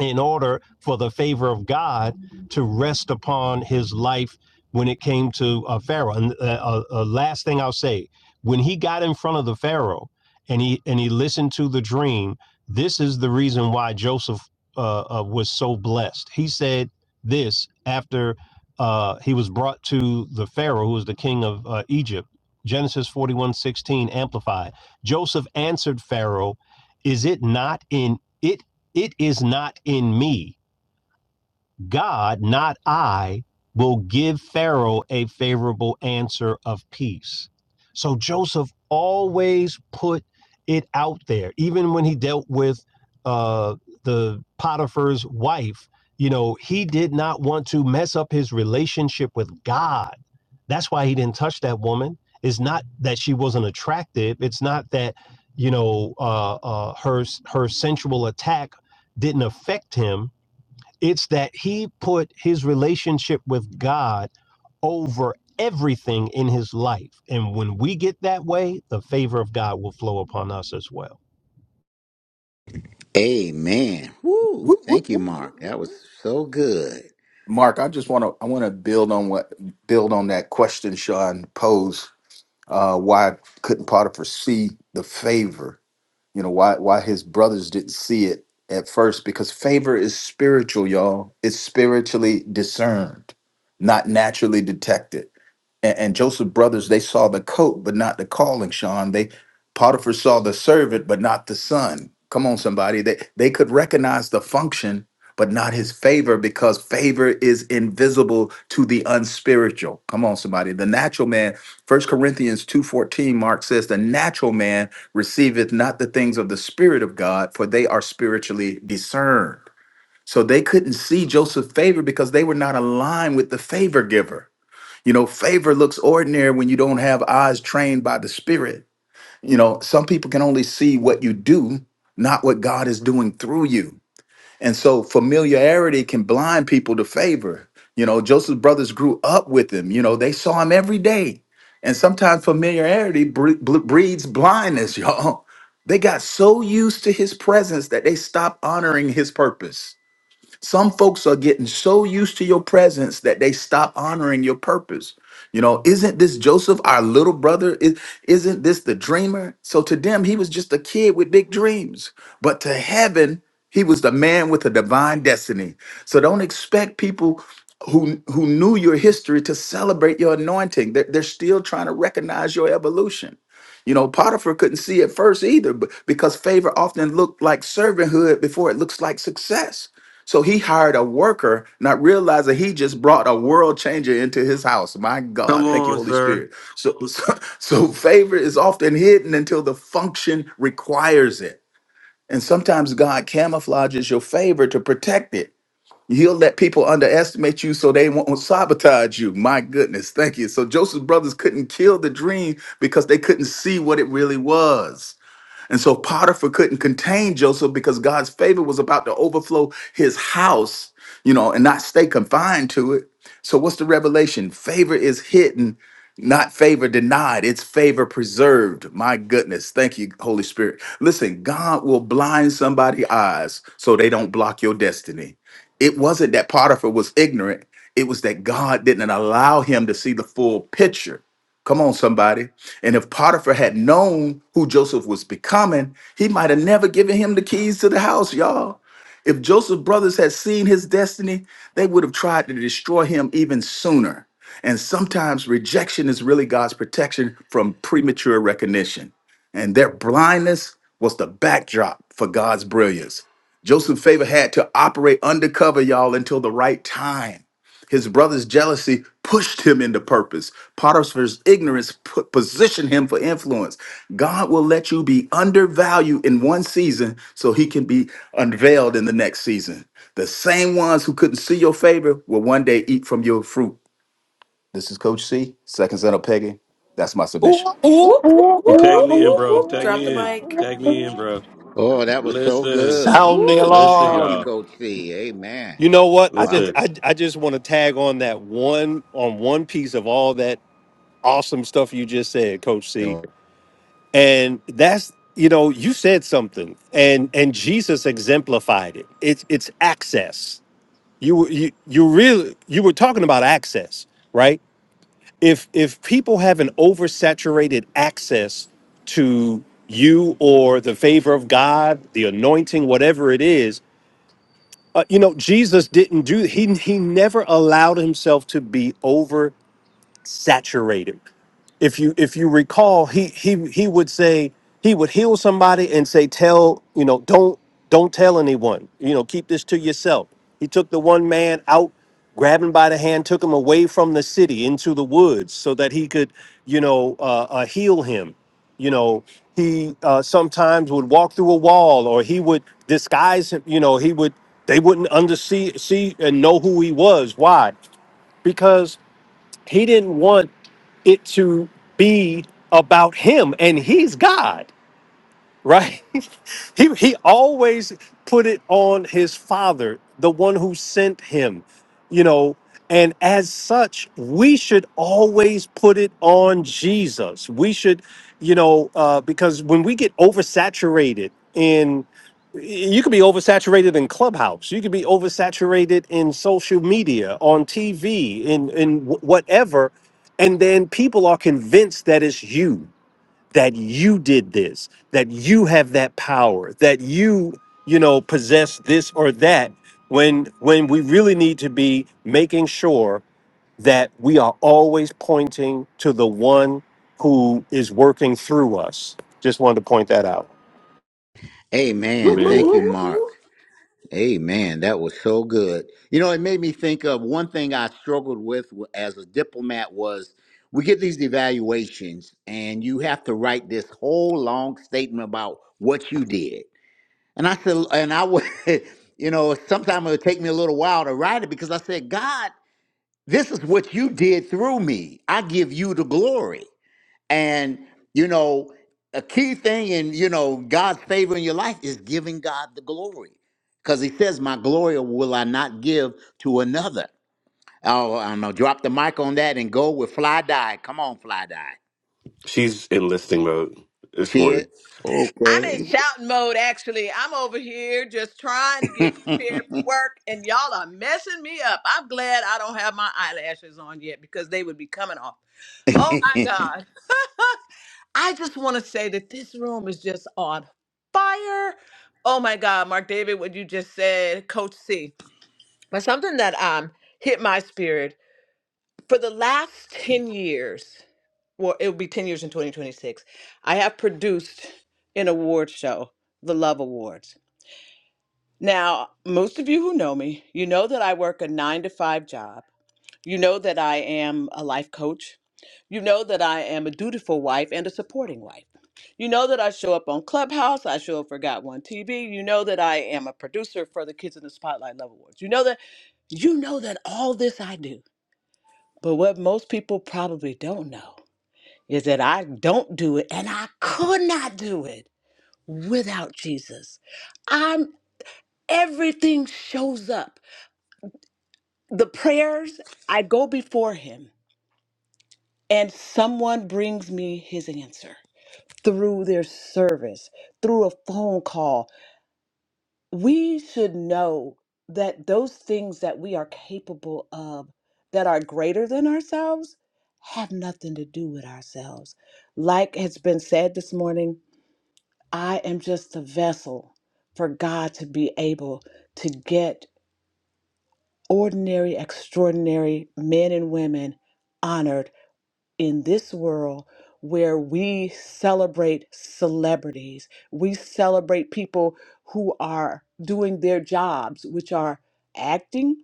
[SPEAKER 3] in order for the favor of God to rest upon his life when it came to uh, Pharaoh. And uh, uh, uh, last thing I'll say, when he got in front of the Pharaoh and he and he listened to the dream, this is the reason why Joseph uh, uh, was so blessed. He said this after uh, he was brought to the Pharaoh, who was the king of uh, Egypt. Genesis 41 16 amplified. Joseph answered Pharaoh, Is it not in it? It is not in me. God, not I, will give Pharaoh a favorable answer of peace. So Joseph always put it out there, even when he dealt with uh, the Potiphar's wife. You know, he did not want to mess up his relationship with God. That's why he didn't touch that woman. It's not that she wasn't attractive. It's not that you know uh, uh, her her sensual attack didn't affect him it's that he put his relationship with God over everything in his life. And when we get that way, the favor of God will flow upon us as well.
[SPEAKER 1] Amen. Woo!
[SPEAKER 4] Whoop, whoop,
[SPEAKER 1] Thank you,
[SPEAKER 4] whoop, whoop,
[SPEAKER 1] Mark. That
[SPEAKER 4] whoop.
[SPEAKER 1] was so good.
[SPEAKER 4] Mark, I just want to I want to build on what build on that question Sean posed. uh, why couldn't Potiphar see the favor? You know why why his brothers didn't see it at first because favor is spiritual, y'all. It's spiritually discerned, not naturally detected. And, and Joseph's brothers they saw the coat but not the calling. Sean they Potiphar saw the servant but not the son. Come on, somebody. They they could recognize the function but not his favor because favor is invisible to the unspiritual. Come on, somebody. The natural man. First Corinthians two fourteen. Mark says the natural man receiveth not the things of the Spirit of God, for they are spiritually discerned. So they couldn't see Joseph's favor because they were not aligned with the favor giver. You know, favor looks ordinary when you don't have eyes trained by the Spirit. You know, some people can only see what you do, not what God is doing through you. And so familiarity can blind people to favor. You know, Joseph's brothers grew up with him. You know, they saw him every day. And sometimes familiarity bre- ble- breeds blindness, y'all. They got so used to his presence that they stopped honoring his purpose some folks are getting so used to your presence that they stop honoring your purpose. You know, isn't this Joseph, our little brother? Is, isn't this the dreamer? So to them, he was just a kid with big dreams. But to heaven, he was the man with a divine destiny. So don't expect people who who knew your history to celebrate your anointing. They're, they're still trying to recognize your evolution. You know, Potiphar couldn't see it first either, but because favor often looked like servanthood before it looks like success. So he hired a worker, not realizing he just brought a world changer into his house. My
[SPEAKER 2] Come
[SPEAKER 4] God, thank you,
[SPEAKER 2] on,
[SPEAKER 4] Holy
[SPEAKER 2] sir.
[SPEAKER 4] Spirit. So, so, so favor is often hidden until the function requires it. And sometimes God camouflages your favor to protect it. He'll let people underestimate you so they won't sabotage you. My goodness, thank you. So Joseph's brothers couldn't kill the dream because they couldn't see what it really was. And so Potiphar couldn't contain Joseph because God's favor was about to overflow his house, you know, and not stay confined to it. So what's the revelation? Favor is hidden, not favor denied. It's favor preserved. My goodness. Thank you, Holy Spirit. Listen, God will blind somebody's eyes so they don't block your destiny. It wasn't that Potiphar was ignorant. It was that God didn't allow him to see the full picture. Come on, somebody. And if Potiphar had known who Joseph was becoming, he might have never given him the keys to the house, y'all. If Joseph's brothers had seen his destiny, they would have tried to destroy him even sooner. And sometimes rejection is really God's protection from premature recognition. And their blindness was the backdrop for God's brilliance. Joseph's favor had to operate undercover, y'all, until the right time. His brother's jealousy pushed him into purpose. Potiphar's ignorance put, positioned him for influence. God will let you be undervalued in one season so he can be unveiled in the next season. The same ones who couldn't see your favor will one day eat from your fruit. This is Coach C, second son of Peggy. That's my submission.
[SPEAKER 6] Whoop, whoop,
[SPEAKER 2] Well,
[SPEAKER 6] whoop,
[SPEAKER 2] Tag
[SPEAKER 6] whoop,
[SPEAKER 2] me in,
[SPEAKER 6] whoop,
[SPEAKER 2] bro.
[SPEAKER 6] whoop.
[SPEAKER 2] Tag
[SPEAKER 6] Drop the
[SPEAKER 2] me in.
[SPEAKER 6] mic.
[SPEAKER 2] Tag me in, bro.
[SPEAKER 1] Oh, that was so
[SPEAKER 2] Listen.
[SPEAKER 1] good.
[SPEAKER 3] Sound the
[SPEAKER 1] Woo!
[SPEAKER 2] Listen,
[SPEAKER 3] alarm.
[SPEAKER 1] Thank you,
[SPEAKER 2] y'all.
[SPEAKER 1] Coach C. Amen.
[SPEAKER 3] You know what? I just
[SPEAKER 1] Wow.
[SPEAKER 2] Listen.
[SPEAKER 3] I, I just want to tag on that one on one piece of all that awesome stuff you just said, Coach C. and that's you know you said something and and jesus exemplified it it's it's access you were- you you really you were talking about access right if if people have an oversaturated access to you or the favor of god the anointing whatever it is uh, you know jesus didn't do he he never allowed himself to be saturated. If you if you recall, he he he would say he would heal somebody and say, "Tell you know, don't don't tell anyone. You know, keep this to yourself." He took the one man out, grabbed him by the hand, took him away from the city into the woods so that he could you know uh, uh, heal him. You know, he uh, sometimes would walk through a wall, or he would disguise him. You know, he would they wouldn't under see see and know who he was. Why? He didn't want it to be about him, and he's God right? he he always put it on his father, the one who sent him, you know. And as such, we should always put it on Jesus. We should, you know, uh, because when we get oversaturated in, you could be oversaturated in Clubhouse. You could be oversaturated in social media, on TV, in in wh- whatever, and then people are convinced that it's you that you did this, that you have that power, that you, you know, possess this or that when when we really need to be making sure that we are always pointing to the one who is working through us. Just wanted to point that out.
[SPEAKER 1] Amen.
[SPEAKER 2] Amen.
[SPEAKER 1] Thank
[SPEAKER 6] Whoop,
[SPEAKER 1] you,
[SPEAKER 6] whoop, whoop.
[SPEAKER 1] Mark. Amen. That was so good. You know, it made me think of one thing I struggled with as a diplomat was we get these evaluations and you have to write this whole long statement about what you did. And I said, and I would, you know, sometimes it would take me a little while to write it because I said, God, this is what you did through me. I give you the glory. And you know, a key thing in you know God's favor in your life is giving God the glory, because He says, "My glory will I not give to another." Oh, I don't know. Drop the mic on that and go with Fly Die. Come on, Fly Die.
[SPEAKER 2] She's in listing mode this
[SPEAKER 1] See it?
[SPEAKER 2] morning.
[SPEAKER 7] I'm
[SPEAKER 1] Okay.
[SPEAKER 7] in shouting mode actually. I'm over here just trying to get prepared for work and y'all are messing me up. I'm glad I don't have my eyelashes on yet because they would be coming off. Oh my God. I just want to say that this room is just on fire. Oh my God, Mark David, what you just said, Coach C. But something that um hit my spirit for the last 10 years well, it will be 10 years in 2026. I have produced an award show, the Love Awards. Now, most of you who know me, you know that I work a nine to five job. You know that I am a life coach. You know that I am a dutiful wife and a supporting wife. You know that I show up on Clubhouse. I show up for Got One TV. You know that I am a producer for the Kids in the Spotlight Love Awards. You know that you know that all this I do. But what most people probably don't know is that I don't do it and I could not do it without Jesus. I'm everything shows up. The prayers, I go before him and someone brings me his answer through their service, through a phone call. We should know that those things that we are capable of that are greater than ourselves have nothing to do with ourselves. Like has been said this morning, I am just a vessel for God to be able to get ordinary, extraordinary men and women honored in this world where we celebrate celebrities. We celebrate people who are doing their jobs, which are acting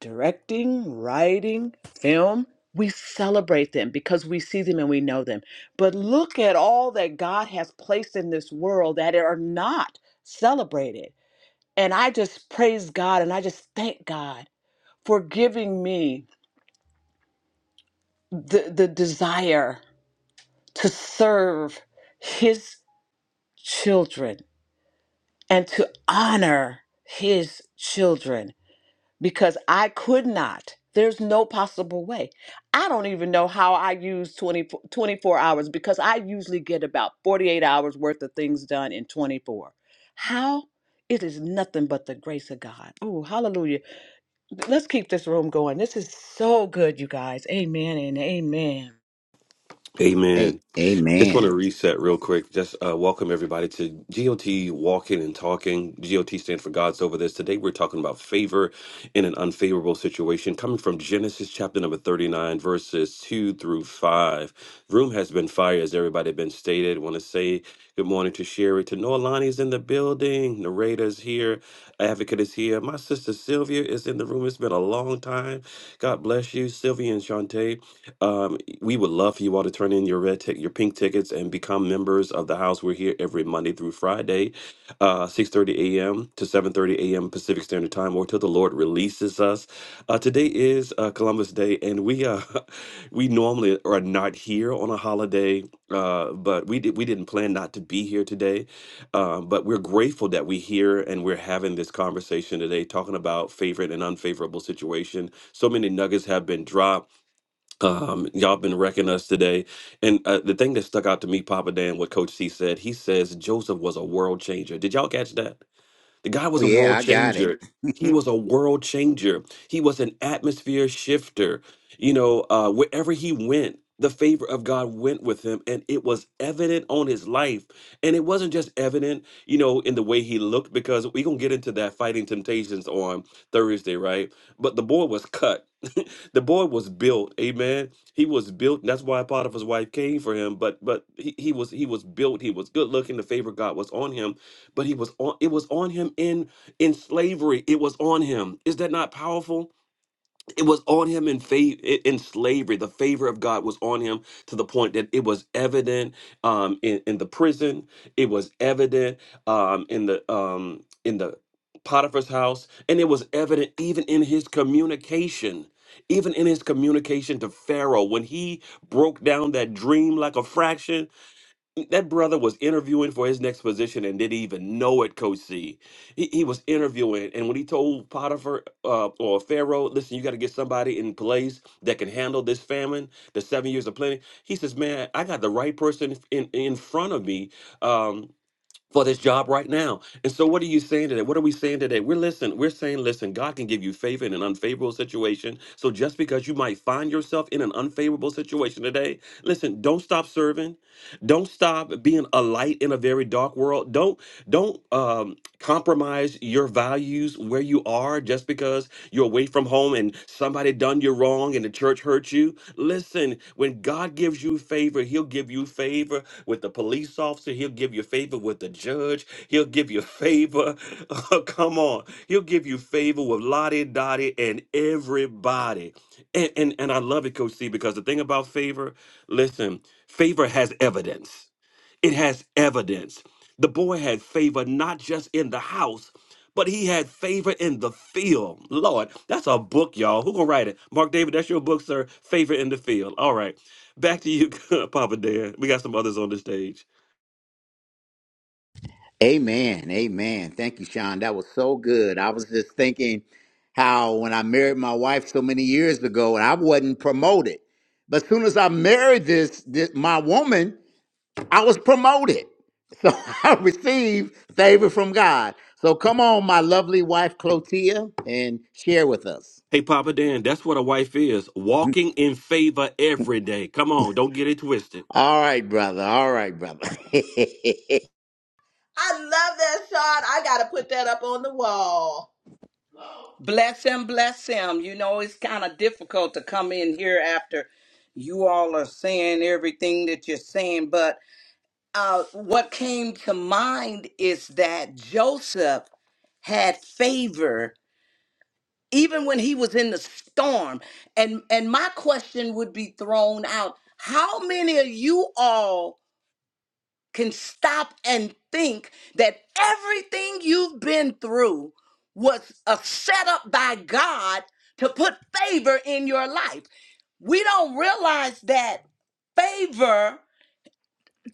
[SPEAKER 7] directing, writing, film. We celebrate them because we see them and we know them. But look at all that God has placed in this world that are not celebrated. And I just praise God and I just thank God for giving me the, the desire to serve His children and to honor His children. because I could not. There's no possible way. I don't even know how I use 20 24 hours because I usually get about 48 hours worth of things done in 24. How? It is nothing but the grace of God. Oh, hallelujah. Let's keep this room going. This is so good, you guys. Amen and amen.
[SPEAKER 2] Amen.
[SPEAKER 1] hey,
[SPEAKER 2] Just want to
[SPEAKER 1] amen.
[SPEAKER 2] reset real quick. Just uh, welcome everybody to GOT Walking and Talking. GOT stands for God's Over This. Today we're talking about favor in an unfavorable situation, coming from Genesis chapter number 39, verses 2 through 5. Room has been fired, as everybody been stated. Want to say good morning to Sherry. To Noelani is in the building. Narrator is here. Advocate is here. My sister Sylvia is in the room. It's been a long time. God bless you, Sylvia and Shantae we would love for you all to turn in your red tick, your pink tickets, and become members of the house. We're here every Monday through Friday, uh, 6:30 a.m. to 7:30 a.m. Pacific Standard Time, or till the Lord releases us. Uh, today is uh, Columbus Day, and we uh, we normally are not here on a holiday, uh, but we did, we didn't plan not to be here today. Uh, but we're grateful that we're here and we're having this conversation today, talking about favorite and unfavorable situation. So many nuggets have been dropped um, y'all been wrecking us today. And uh, the thing that stuck out to me, Papa Dan, what Coach C said, he says Joseph was a world changer. Did y'all catch that? The guy
[SPEAKER 1] Oh
[SPEAKER 2] was a
[SPEAKER 1] yeah,
[SPEAKER 2] world
[SPEAKER 1] I got it.
[SPEAKER 2] changer. He was a world changer. He was an atmosphere shifter. You know, uh, wherever he went, the favor of God went with him, and it was evident on his life. And it wasn't just evident, you know, in the way he looked, because we're going to get into that fighting temptations on Thursday, right? But the boy was cut. the boy was built, amen. He was built. and that's why Potiphar's wife came for him. But but he, he was he was built. He was good looking. The favor of God was on him but he was on it was on him in in slavery it was on him is that not powerful it was on him in faith in slavery the favor of god was on him to the point that it was evident um in, in the prison it was evident um in the um in the potiphar's house and it was evident even in his communication even in his communication to pharaoh when he broke down that dream like a fraction that brother was interviewing for his next position and didn't even know it, Coach C. He, he was interviewing, and when he told Potiphar uh, or Pharaoh, "Listen, you got to get somebody in place that can handle this famine, the seven years of plenty," he says, "Man, I got the right person in in front of me." Um, for this job right now. And so what are you saying today? What are we saying today? We're listen, we're saying, listen, God can give you favor in an unfavorable situation. So just because you might find yourself in an unfavorable situation today, listen, don't stop serving. Don't stop being a light in a very dark world. Don't don't um, compromise your values where you are are just because you're away from home and somebody done you wrong and the church hurt you. Listen, when God gives you favor, he'll give you favor with the police officer, he'll give you favor with the judge, he'll give you favor. Come on. He'll give you favor with Lottie Dottie and everybody. And, and and I love it, Coach C, because the thing about favor, listen, favor has evidence. It has evidence. The boy had favor not just in the house, but he had favor in the field. Lord, that's a book, y'all. Who gonna write it? Mark David, that's your book, sir. Favor in the field. All right, back to you, Papa Dan. We got some others on the stage.
[SPEAKER 1] Amen. Amen. Thank you, Sean. That was so good. I was just thinking how when I married my wife so many years ago and I wasn't promoted. But soon as I married this, this my woman, I was promoted. So I received favor from God. So come on, my lovely wife Clotia, and share with us.
[SPEAKER 2] Hey, Papa Dan, that's what a wife is. Walking in favor every day. Come on, don't get it twisted.
[SPEAKER 1] All right, brother. All right, brother.
[SPEAKER 7] I love that shot. I gotta put that up on the wall.
[SPEAKER 8] Bless him, bless him. You know, it's kind of difficult to come in here after you all are saying everything that you're saying. But uh, what came to mind is that Joseph had favor even when he was in the storm. And and my question would be thrown out: How many of you all? can stop and think that everything you've been through was a setup by God to put favor in your life. We don't realize that favor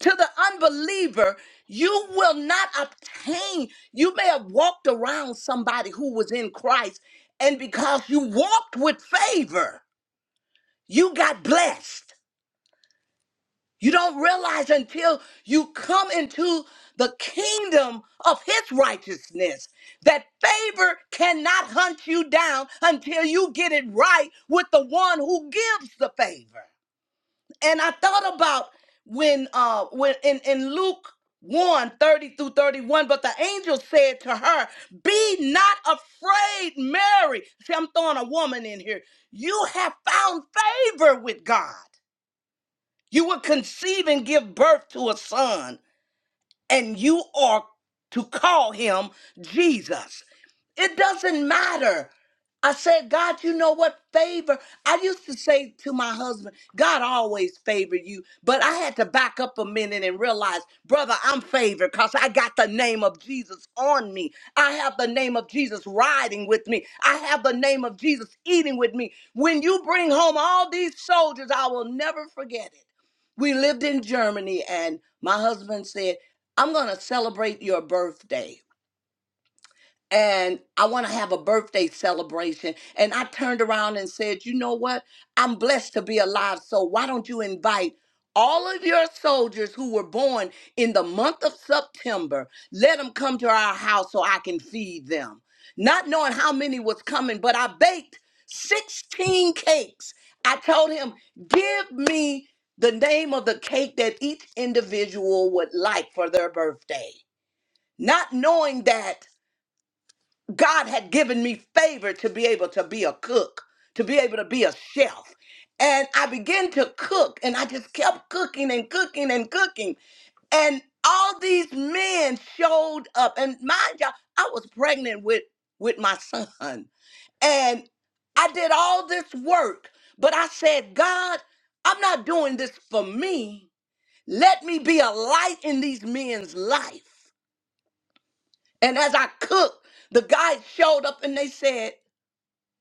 [SPEAKER 8] to the unbeliever, you will not obtain. You may have walked around somebody who was in Christ, and because you walked with favor, you got blessed. You don't realize until you come into the kingdom of his righteousness that favor cannot hunt you down until you get it right with the one who gives the favor. And I thought about when uh when in, in Luke one 30 through 31, but the angel said to her, Be not afraid, Mary. See, I'm throwing a woman in here. You have found favor with God. You will conceive and give birth to a son and you are to call him Jesus. It doesn't matter. I said, God, you know what favor? I used to say to my husband, God always favored you. But I had to back up a minute and realize, brother, I'm favored because I got the name of Jesus on me. I have the name of Jesus riding with me. I have the name of Jesus eating with me. When you bring home all these soldiers, I will never forget it. We lived in Germany, and my husband said, I'm going to celebrate your birthday. And I want to have a birthday celebration. And I turned around and said, You know what? I'm blessed to be alive. So why don't you invite all of your soldiers who were born in the month of September? Let them come to our house so I can feed them. Not knowing how many was coming, but I baked 16 cakes. I told him, Give me the name of the cake that each individual would like for their birthday not knowing that God had given me favor to be able to be a cook, to be able to be a chef. And I began to cook and I just kept cooking and cooking and cooking. And all these men showed up. And mind you, I was pregnant with, with my son. And I did all this work, but I said, God, I'm not doing this for me. Let me be a light in these men's life. And as I cooked, the guys showed up and they said,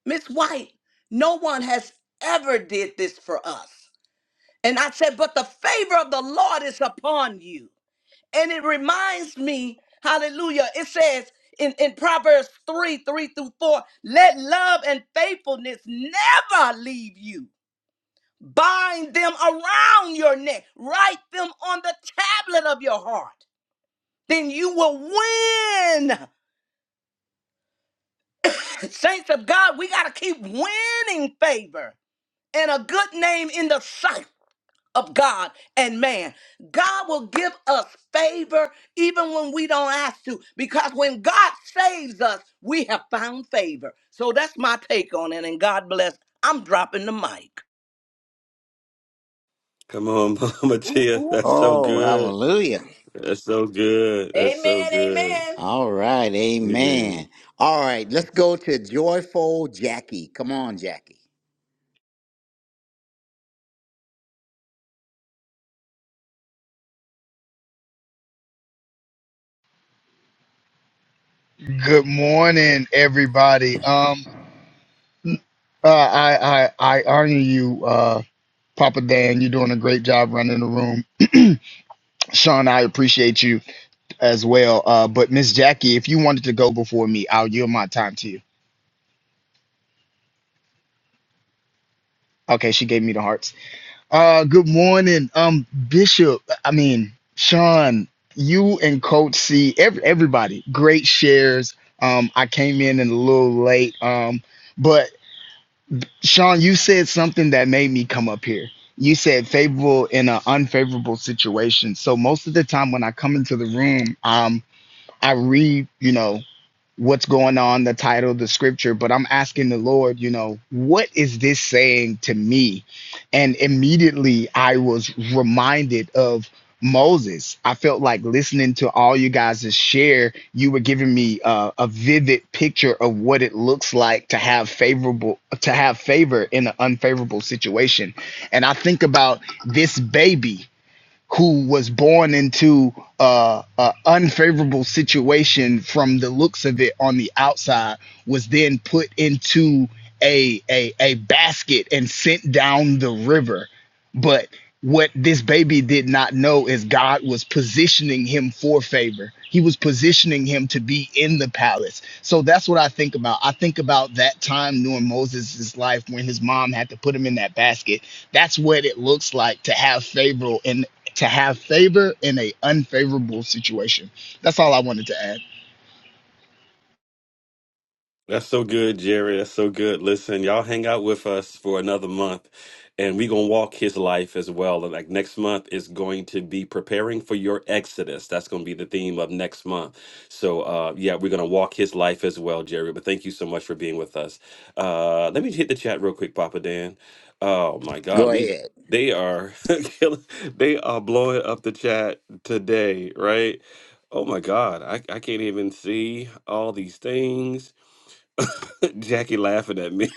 [SPEAKER 8] Miss White, no one has ever did this for us. And I said, but the favor of the Lord is upon you. And it reminds me, hallelujah, it says in, in Proverbs 3, 3 through 4, let love and faithfulness never leave you. Bind them around your neck, write them on the tablet of your heart. Then you will win Saints of God, we got to keep winning favor and a good name in the sight of God and man. God will give us favor even when we don't ask to, because when God saves us, we have found favor. So that's my take on it, and God bless. I'm dropping the mic.
[SPEAKER 2] Come on, Mama Tia. That's so
[SPEAKER 1] oh,
[SPEAKER 2] good.
[SPEAKER 1] hallelujah.
[SPEAKER 2] That's so good.
[SPEAKER 7] Amen.
[SPEAKER 2] That's so good.
[SPEAKER 7] Amen.
[SPEAKER 1] All right,
[SPEAKER 2] Amen.
[SPEAKER 1] amen. All right, let's go to joyful Jackie. Come on, Jackie.
[SPEAKER 9] Good morning, everybody. Um, uh, I I I honor you, uh, Papa Dan. You're doing a great job running the room. Sean, I appreciate you as well. Uh, but Miss Jackie, if you wanted to go before me, I'll yield my time to you. Okay, she gave me the hearts. Uh, good morning, um, Bishop. I mean, Sean, you and Coach C, every, everybody, great shares. Um, I came in and a little late. Um, but Sean, you said something that made me come up here. You said favorable in an unfavorable situation. So most of the time when I come into the room, um, I read, you know, what's going on, the title, the scripture, but I'm asking the Lord, you know, what is this saying to me? And immediately I was reminded of Moses. I felt like listening to all you guys' share, you were giving me uh, a vivid picture of what it looks like to have favorable to have favor in an unfavorable situation. And I think about this baby who was born into uh, a unfavorable situation from the looks of it on the outside was then put into a, a a basket and sent down the river but what this baby did not know is God was positioning him for favor. He was positioning him to be in the palace. So that's what I think about. I think about that time during Moses' life when his mom had to put him in that basket. That's what it looks like to have favor in to have favor in a unfavorable situation. That's all I wanted to add.
[SPEAKER 2] That's so good, Jerry. That's so good. Listen, y'all hang out with us for another month and we're going to walk his life as well. And like next month is going to be preparing for your exodus. That's going to be the theme of next month. So, uh, yeah, we're going to walk his life as well, Jerry. But thank you so much for being with us. Uh, let me hit the chat real quick, Papa Dan. Oh my
[SPEAKER 1] Go
[SPEAKER 2] God. We,
[SPEAKER 1] ahead.
[SPEAKER 2] they are, killing- they are blowing up the chat today, right? Oh my God. I, I can't even see all these things. Jackie laughing at me.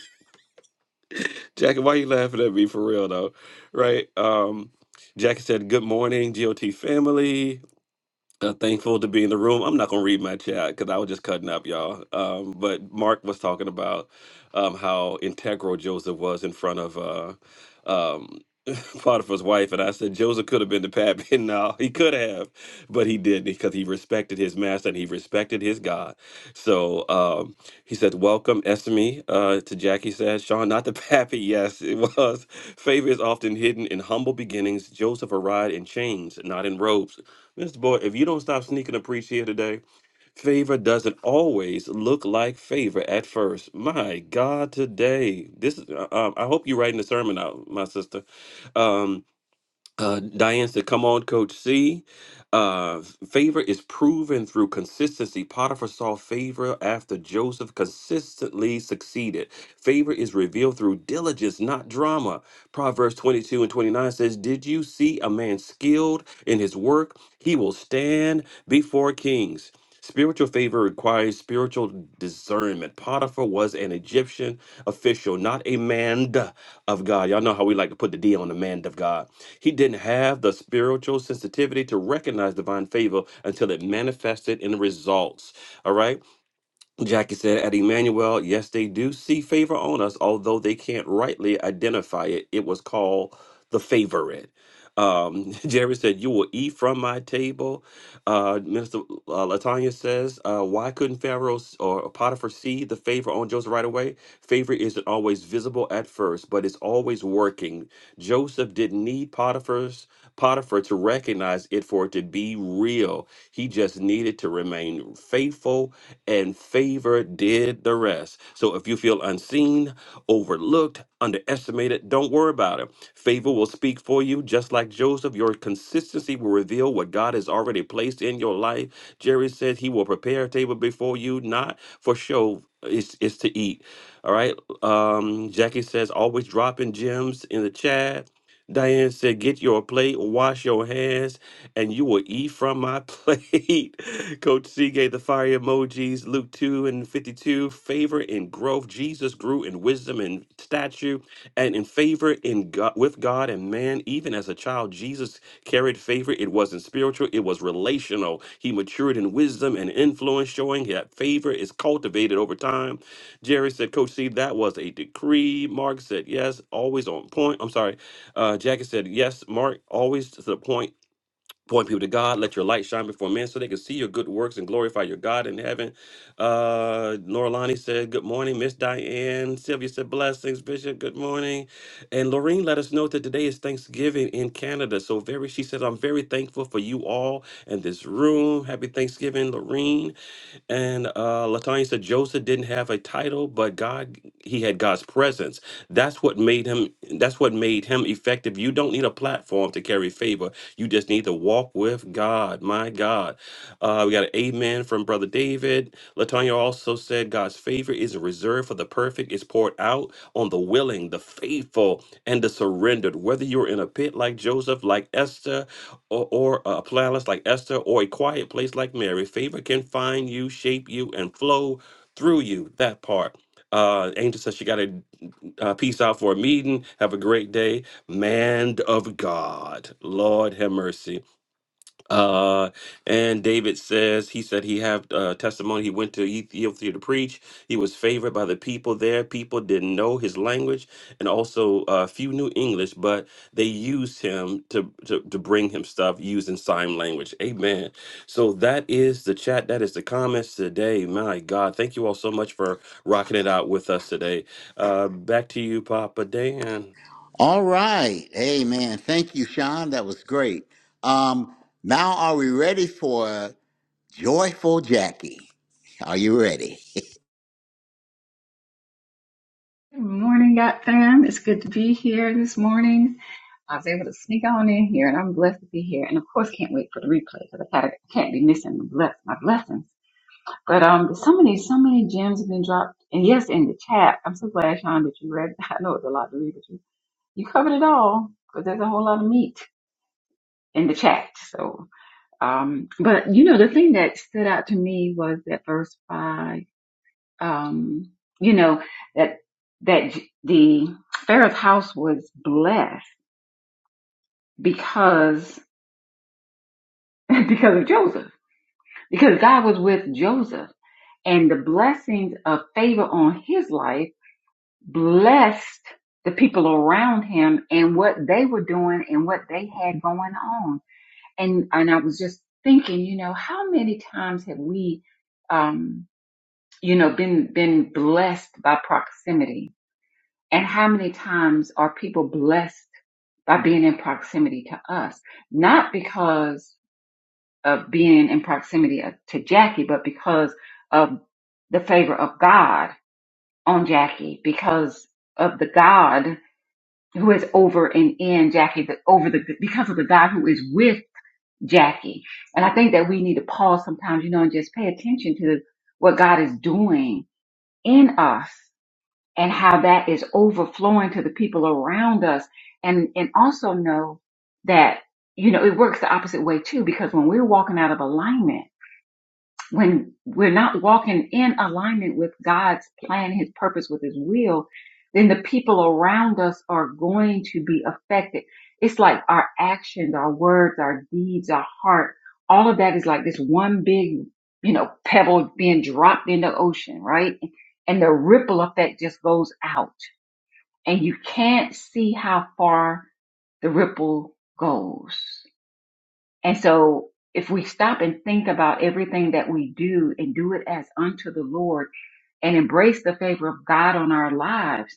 [SPEAKER 2] Jackie, why you laughing at me for real though? Right? Um, Jackie said, "Good morning, GOT family. Uh, thankful to be in the room. I'm not gonna read my chat because I was just cutting up, y'all. Um, but Mark was talking about um, how integral Joseph was in front of uh, um, Potiphar's wife, and I said Joseph could have been the pappy. No, he could have, but he didn't because he respected his master and he respected his God. So um, he said, "Welcome, Esme." Uh, to Jackie said, "Sean, not the pappy." Yes, it was. Favor is often hidden in humble beginnings. Joseph arrived in chains, not in robes. Mr. Boyd, if you don't stop sneaking a preach here today, favor doesn't always look like favor at first. My God, today, this is. uh, Um, I hope you're writing the sermon out, my sister. Um, uh, Diane said, "Come on, Coach C. Uh, favor is proven through consistency. Potiphar saw favor after Joseph consistently succeeded. Favor is revealed through diligence, not drama. Proverbs 22 and 29 says, Did you see a man skilled in his work? He will stand before kings. Spiritual favor requires spiritual discernment. Potiphar was an Egyptian official, not a man of God. Y'all know how we like to put the D on the man of God. He didn't have the spiritual sensitivity to recognize divine favor until it manifested in results. All right. Jackie said, at Emmanuel, yes, they do see favor on us, although they can't rightly identify it. It was called the favorite. Um, Jerry said, you will eat from my table. Uh, Minister uh, Latanya says, uh, why couldn't Pharaoh s- or Potiphar see the favor on Joseph right away? Favor isn't always visible at first, but it's always working. Joseph didn't need Potiphar's Potiphar to recognize it for it to be real. He just needed to remain faithful and favor did the rest. So if you feel unseen, overlooked, underestimated, don't worry about it. Favor will speak for you, just like Joseph. Your consistency will reveal what God has already placed in your life. Jerry said he will prepare a table before you, not for show. It's, it's to eat. All right. Um, Jackie says, always dropping gems in the chat. Diane said, get your plate, wash your hands and you will eat from my plate. Coach C gave the fire emojis, Luke 2 and 52, favor and growth. Jesus grew in wisdom and stature and in favor in God, with God and man. Even as a child, Jesus carried favor. It wasn't spiritual, it was relational. He matured in wisdom and influence, showing that favor is cultivated over time. Jerry said, Coach C, that was a decree. Mark said, yes, always on point. I'm sorry. Uh, Jackie said, yes, Mark, always to the point Point people to God. Let your light shine before men so they can see your good works and glorify your God in heaven. Uh, Norlani said, Good morning. Miss Diane. Sylvia said, Blessings, Bishop. Good morning. And Lorene let us know that today is Thanksgiving in Canada. So, very, she said, I'm very thankful for you all and this room. Happy Thanksgiving, Lorene. And uh, Latanya said, Joseph didn't have a title, but God, he had God's presence. That's what made him that's what made him effective. You don't need a platform to carry favor. You just need to walk with God. My God. Uh, we got an amen from Brother David. Latonya also said God's favor is reserved for the perfect. It's poured out on the willing, the faithful, and the surrendered. Whether you're in a pit like Joseph, like Esther, or, or a palace like Esther, or a quiet place like Mary, favor can find you, shape you, and flow through you. That part. Uh, Angel says she got it uh, peace out for a meeting. Have a great day. Man of God. Lord have mercy. Uh, and David says he said he have uh, testimony. He went to Ethiopia to preach. He was favored by the people there. People didn't know his language, and also uh, few knew English, but they used him to, to to bring him stuff using sign language. Amen. So that is the chat. That is the comments today. My God, thank you all so much for rocking it out with us today. Uh, back to you, Papa Dan.
[SPEAKER 1] All right, amen. Thank you, Sean. That was great. Um, now are we ready for joyful Jackie? Are you ready?
[SPEAKER 10] Good morning, God fam. It's good to be here this morning. I was able to sneak on in here, and I'm blessed to be here. And of course, can't wait for the replay because I gotta, I can't be missing the bless, my blessings. But um, so many, so many gems have been dropped. And yes, in the chat, I'm so glad, Sean, that you read. I know it's a lot to read, but you you covered it all because there's a whole lot of meat in the chat. So um, but you know, the thing that stood out to me was that verse five um, you know, that that the Pharaoh's house was blessed because because of Joseph, because God was with Joseph, and the blessings of favor on his life blessed the people around him and what they were doing and what they had going on. And and I was just thinking, you know, how many times have we, um, you know, been been blessed by proximity? And how many times are people blessed by being in proximity to us? Not because of being in proximity to Jackie, but because of the favor of God on Jackie, because of the God who is over and in Jackie, the, over the, because of the God who is with Jackie. And I think that we need to pause sometimes, you know, and just pay attention to what God is doing in us and how that is overflowing to the people around us and and also know that you know it works the opposite way too because when we're walking out of alignment when we're not walking in alignment with God's plan his purpose with his will then the people around us are going to be affected it's like our actions our words our deeds our heart all of that is like this one big you know pebble being dropped in the ocean right and the ripple effect just goes out and you can't see how far the ripple goes. And so if we stop and think about everything that we do and do it as unto the Lord and embrace the favor of God on our lives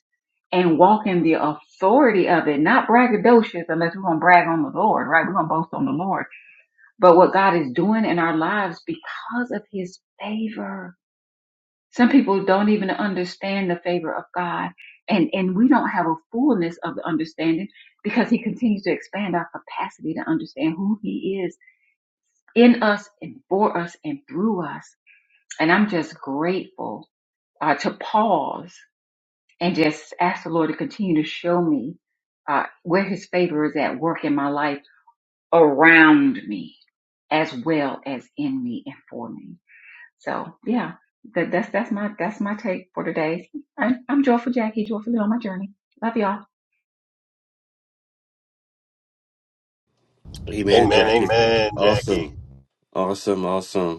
[SPEAKER 10] and walk in the authority of it, not braggadocious unless we're going to brag on the Lord, right? We're going to boast on the Lord, but what God is doing in our lives because of his favor some people don't even understand the favor of God, and and we don't have a fullness of the understanding because He continues to expand our capacity to understand who He is in us and for us and through us. And I'm just grateful uh, to pause and just ask the Lord to continue to show me uh, where His favor is at work in my life around me, as well as in me and for me. So yeah, that, that's that's my that's my take for today. I'm, I'm joyful Jackie, joyfully on my journey. Love y'all.
[SPEAKER 2] Amen,
[SPEAKER 3] Amen.
[SPEAKER 2] Jackie.
[SPEAKER 3] Amen.
[SPEAKER 2] Awesome, awesome, awesome.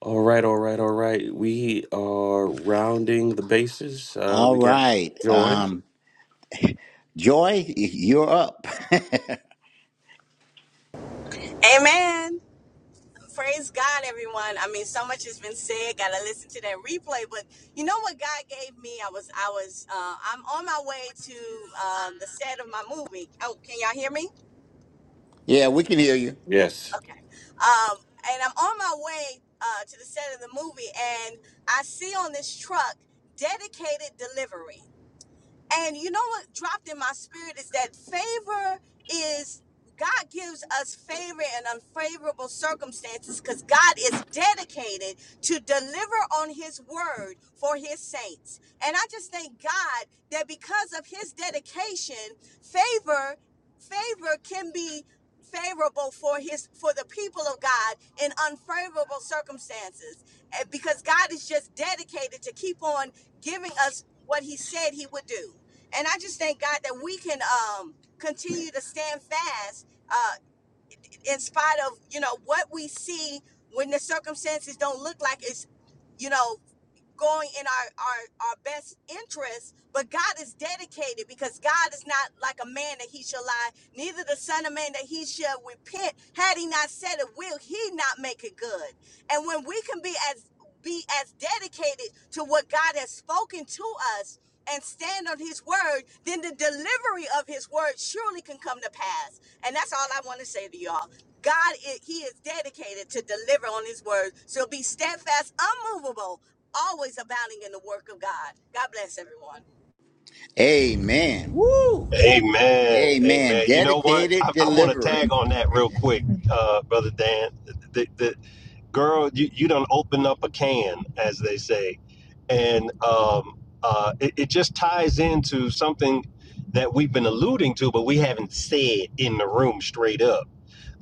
[SPEAKER 2] All right, all right, all right. We are rounding the bases. Uh,
[SPEAKER 1] All
[SPEAKER 2] we got
[SPEAKER 1] right.
[SPEAKER 2] Joy.
[SPEAKER 1] Um, Joy, y- you're up.
[SPEAKER 11] Amen. Praise God, everyone. I mean, so much has been said. Got to listen to that replay. But you know what God gave me? I was, I was, uh, I'm on my way to um, the set of my movie. Oh, can y'all hear me?
[SPEAKER 1] yeah, we can hear you.
[SPEAKER 2] Yes,
[SPEAKER 11] Okay. Um, and I'm on my way uh, to the set of the movie, and I see on this truck dedicated delivery. And you know what dropped in my spirit is that favor is God gives us favor in unfavorable circumstances because God is dedicated to deliver on his word for his saints. And I just thank God that because of his dedication, favor favor can be favorable for his for the people of God in unfavorable circumstances. And because God is just dedicated to keep on giving us what he said he would do and I just thank God that we can um, continue to stand fast uh, in spite of you know what we see when the circumstances don't look like it's you know going in our our, our best interest. But God is dedicated because God is not like a man that he shall lie, neither the son of man that he shall repent. Had he not said it, will he not make it good? And when we can be as be as dedicated to what God has spoken to us and stand on his word, then the delivery of his word surely can come to pass. And that's all I want to say to y'all. God, i- he is dedicated to deliver on his word. So be steadfast, unmovable, always abounding in the work of God. God bless everyone.
[SPEAKER 1] Amen. Woo!
[SPEAKER 3] Amen.
[SPEAKER 1] Amen.
[SPEAKER 3] Amen. You know what? I,
[SPEAKER 1] Dedicated
[SPEAKER 3] I want to tag
[SPEAKER 1] delivery.
[SPEAKER 3] on that real quick, uh, brother. The, the girl, you, you don't open up a can, as they say. and um, uh, it, it just ties into something that we've been alluding to, but we haven't said in the room straight up.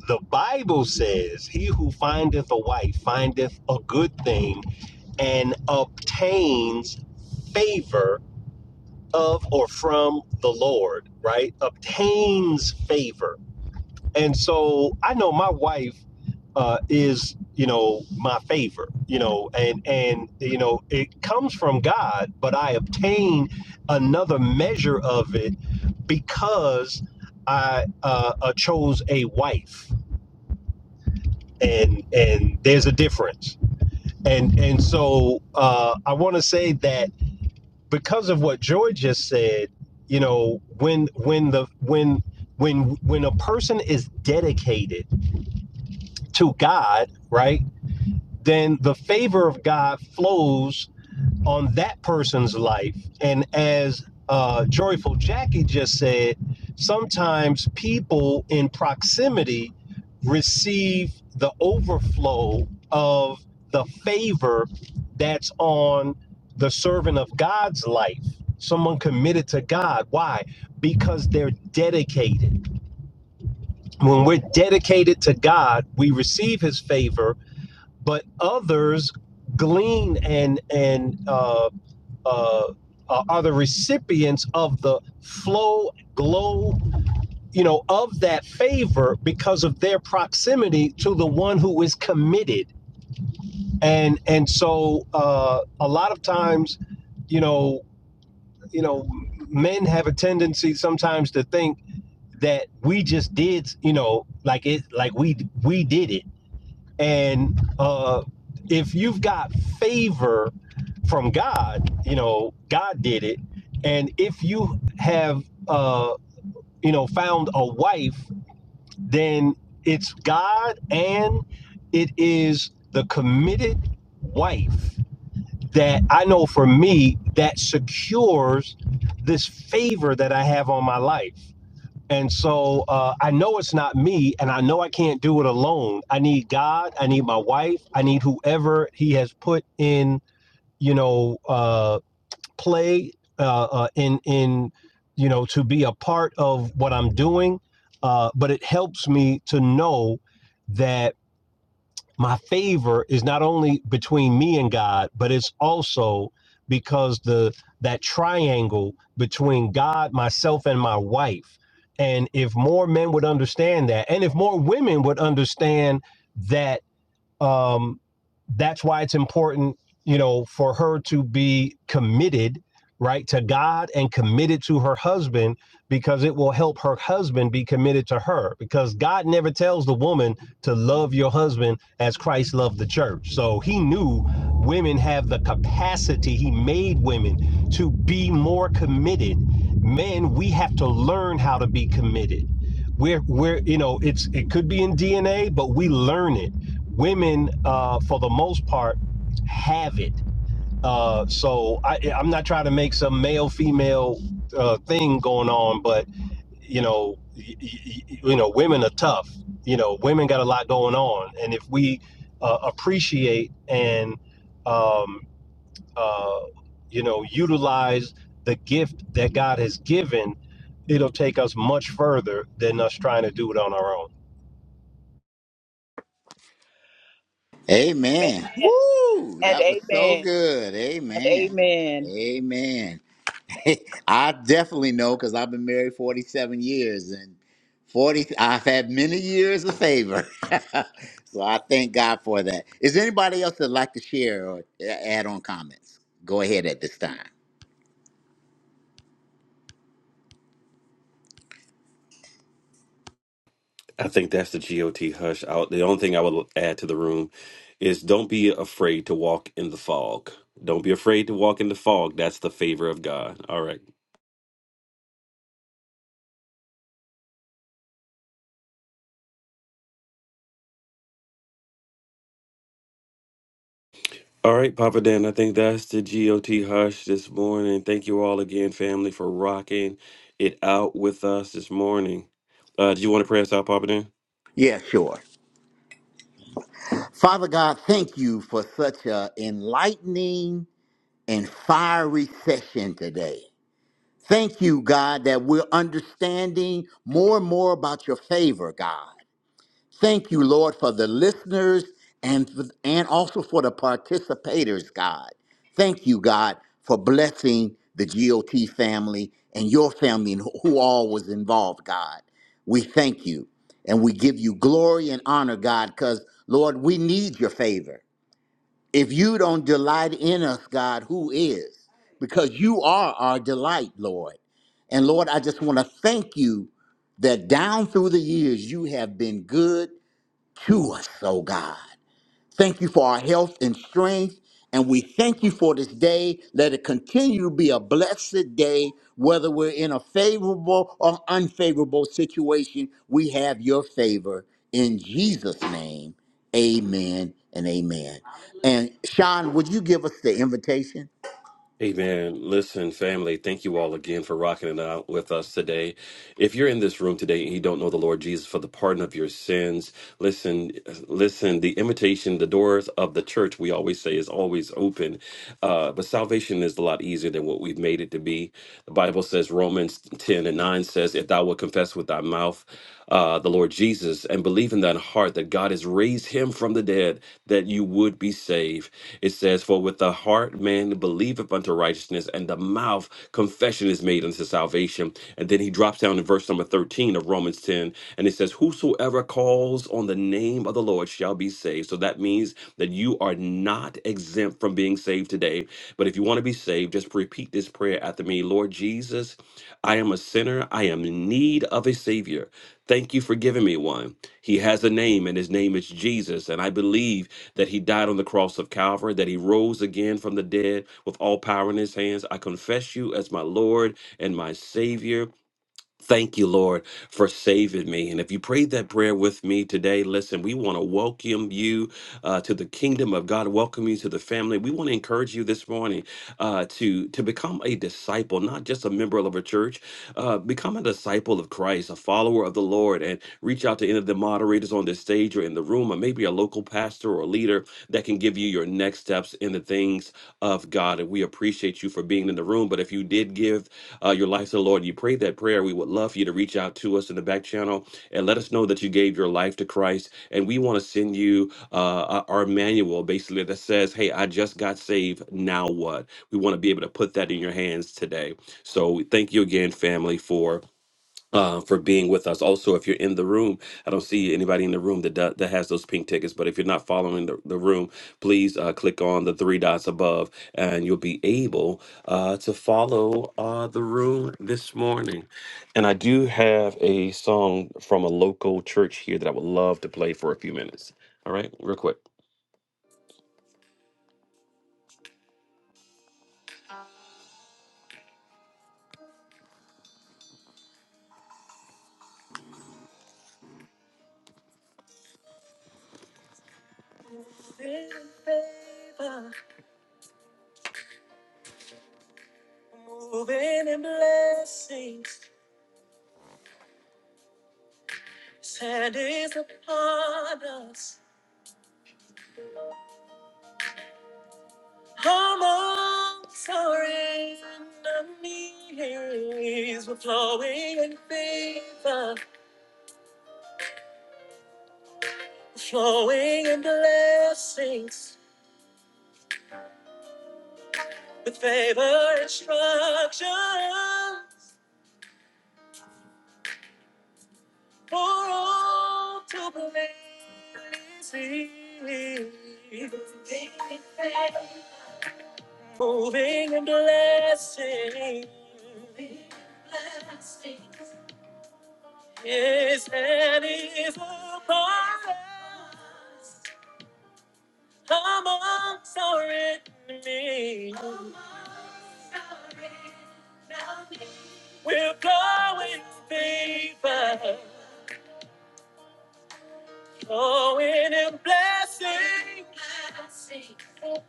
[SPEAKER 3] The Bible says, "He who findeth a wife findeth a good thing and obtains favor of or from the Lord." Right? Obtains favor, and so I know my wife uh, is you know my favor you know and and you know it comes from god but i obtain another measure of it because i uh, uh, chose a wife and and there's a difference and and so uh, i want to say that because of what Joy just said you know when when the when when when a person is dedicated to god right then the favor of God flows on that person's life. And as uh, Joyful Jackie just said, sometimes people in proximity receive the overflow of the favor that's on the servant of God's life. Someone get it to God. Why? Because dedicated. When we're dedicated to God, we receive his favor but others glean and and uh, uh, uh, are the recipients of the flow glow you know of that favor because of their proximity to the one who is committed and and so uh, a lot of times you know you know men have a tendency sometimes to think that we just did you know like it like we we did it and uh if you've got favor from God. You know, God did it. And if you have, uh, you know, found a wife, then it's God and it is the committed wife that I know for me that secures this favor that I have on my life. And so uh, I know it's not me, and I know I can't do it alone. I need God. I need my wife. I need whoever He has put in, you know, uh, play uh, uh, in in you know to be a part of what I'm doing, uh, but it helps me to know that my favor is not only between me and God, but it's also because the that triangle between God, myself, and my wife. And if more men would understand that, and if more women would understand that um, that's why it's important, you know, for her to be committed, right, to God and committed to her husband because it will help her husband be committed to her because God never tells the woman to love your husband as Christ loved the church. So he knew women have the capacity, he made women to be more committed. Men, we have to learn how to be committed we're we're you know it's it could be in dna but we learn it women uh for the most part have it uh so i i'm not trying to make some male female uh thing going on but you know y- y- y- you know women are tough you know women got a lot going on and if we uh, appreciate and um uh you know utilize the gift that god has given it'll take us much further than us trying to do it on our own
[SPEAKER 7] Amen
[SPEAKER 1] Amen. Woo!
[SPEAKER 7] and
[SPEAKER 1] That was so
[SPEAKER 7] amen
[SPEAKER 1] good.
[SPEAKER 7] and
[SPEAKER 1] Amen.
[SPEAKER 7] amen.
[SPEAKER 1] Amen. I definitely know because I've been married 47 years and 40 I've had many years of favor. so I thank God for that. Is there anybody else that like to share or add on comments? Go ahead at this time.
[SPEAKER 2] I think that's the GOT hush. Out. The only thing I would add to the room is don't be afraid to walk in the fog. Don't be afraid to walk in the fog. That's the favor of God. All right. All right, Papa Dan, I think that's the GOT hush this morning. Thank you all again, family, for rocking it out with us this morning. Uh, do you want to pray us out, Papa Dan?
[SPEAKER 1] Yeah, sure. Father God, thank you for such a enlightening and fiery session today. Thank you, God, that we're understanding more and more about your favor, God. Thank you, Lord, for the listeners and, and also for the participators, God. Thank you, God, for blessing the GOT family and your family and who all was involved, God. We thank you and we give you glory and honor, God, because, Lord, we need your favor. If you don't delight in us, God, who is? Because you are our delight, Lord. And Lord, I just want to thank you that down through the years, you have been good to us, oh God. Thank you for our health and strength. And we thank you for this day. Let it continue to be a blessed day, whether we're in a favorable or unfavorable situation. We have your favor. In Jesus' name, amen and amen. And Sean, would you give us the invitation?
[SPEAKER 2] Amen. Listen, family, thank you all again for rocking it out with us today. If you're in this room today and you don't know the Lord Jesus for the pardon of your sins, listen, listen, the invitation, the doors of the church, we always say, is always open. Uh, but salvation is a lot easier than what we've made it to be. The Bible says, Romans 10 and 9 says, If thou wilt confess with thy mouth uh, the Lord Jesus and believe in thine heart that God has raised him from the dead, that you would be saved. It says, For with the heart, man believeth unto righteousness, and the mouth confession is made unto salvation. And then he drops down in verse number 13 of Romans 10, and it says, Whosoever calls on the name of the Lord shall be saved. So that means that you are not exempt from being saved today. But if you want to be saved, just repeat this prayer after me Lord Jesus, I am a sinner. I am in need of a Savior. Thank you for giving me one. He has a name, and his name is Jesus. And I believe that he died on the cross of Calvary, that he rose again from the dead with all power in his hands. I confess you as my Lord and my Savior. Thank you, Lord, for saving me. And if you prayed that prayer with me today, listen, we want to welcome you uh, to the kingdom of God, welcome you to the family. We want to encourage you this morning uh, to, to become a disciple, not just a member of a church, uh, become a disciple of Christ, a follower of the Lord, and reach out to any of the moderators on this stage or in the room, or maybe a local pastor or leader that can give you your next steps in the things of God. And we appreciate you for being in the room. But if you did give, uh, your life to the Lord, you prayed that prayer, we would love for you to reach out to us in the back channel and let us know that you gave your life to Christ. And we want to send you uh, our manual basically that says, Hey, I just got saved. Now what? We want to be able to put that in your hands today. So thank you again, family, for uh, for being with us. Also, if you're in the room, I don't see anybody in the room that do- that has those pink tickets. But if you're not following the, the room, please uh, click on the three dots above, and you'll be able uh, to follow uh, the room this morning. And I do have a song from a local church here that I would love to play for a few minutes. All right, real quick. Moving favor, moving in blessings, sand is upon us. Come on, surrender me. We're flowing in favor, flowing in blessings, with favor instructions for all to believe. Moving in blessings, yes, and is a part. Come on, surrender me. We're going, going in blessing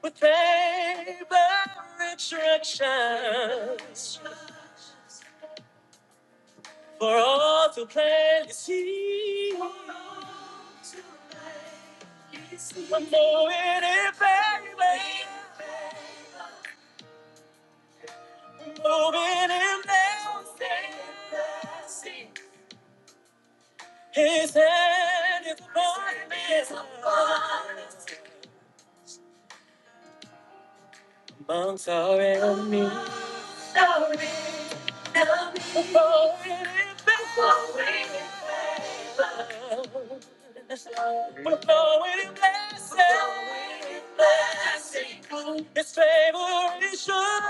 [SPEAKER 2] with favor and instruction for all to plainly see. And if I'm moving his hand is amongst our enemies. We're flowing in favor. We're flowing in blessing. His favor is sure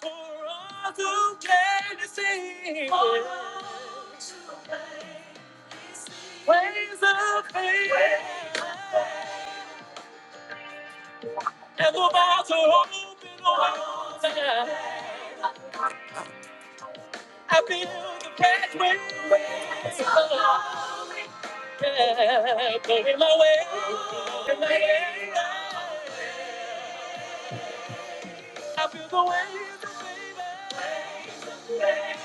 [SPEAKER 2] for all to plainly see. Ways of faith. And no matter hope in the I feel the pathway. Yeah, Going my way, going my way. I feel the way baby.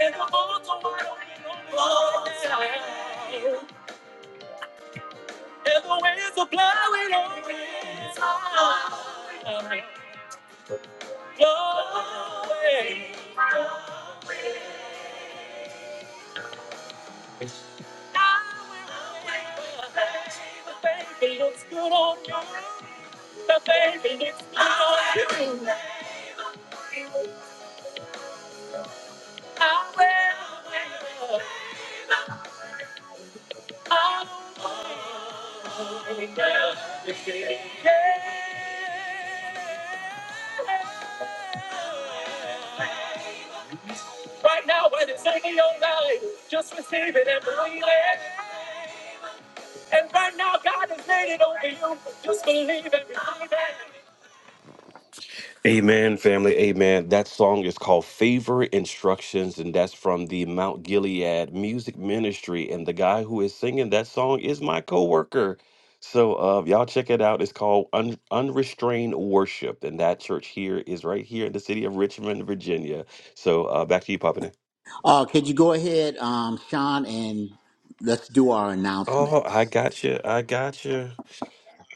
[SPEAKER 2] And the mountain wide open, open. and the winds are blowing, blowing. The baby looks good on you. The baby looks good on you. Right now, when it's in your life, just receive it and believe it. And right now, God is waiting over you. Just believe it. Believe it. Amen, family. Amen. That song is called Favor Instructions, and that's from the Mount Gilead Music Ministry. And the guy who is singing that song is my coworker. So, uh, y'all check it out. It's called Un- Unrestrained Worship, and that church here is right here in the city of Richmond, Virginia. So, uh, back to you, Papa. Dan.
[SPEAKER 1] Uh, could you go ahead, um, Sean, and let's do our
[SPEAKER 2] Oh, I
[SPEAKER 1] announcements?
[SPEAKER 2] got you. I got you.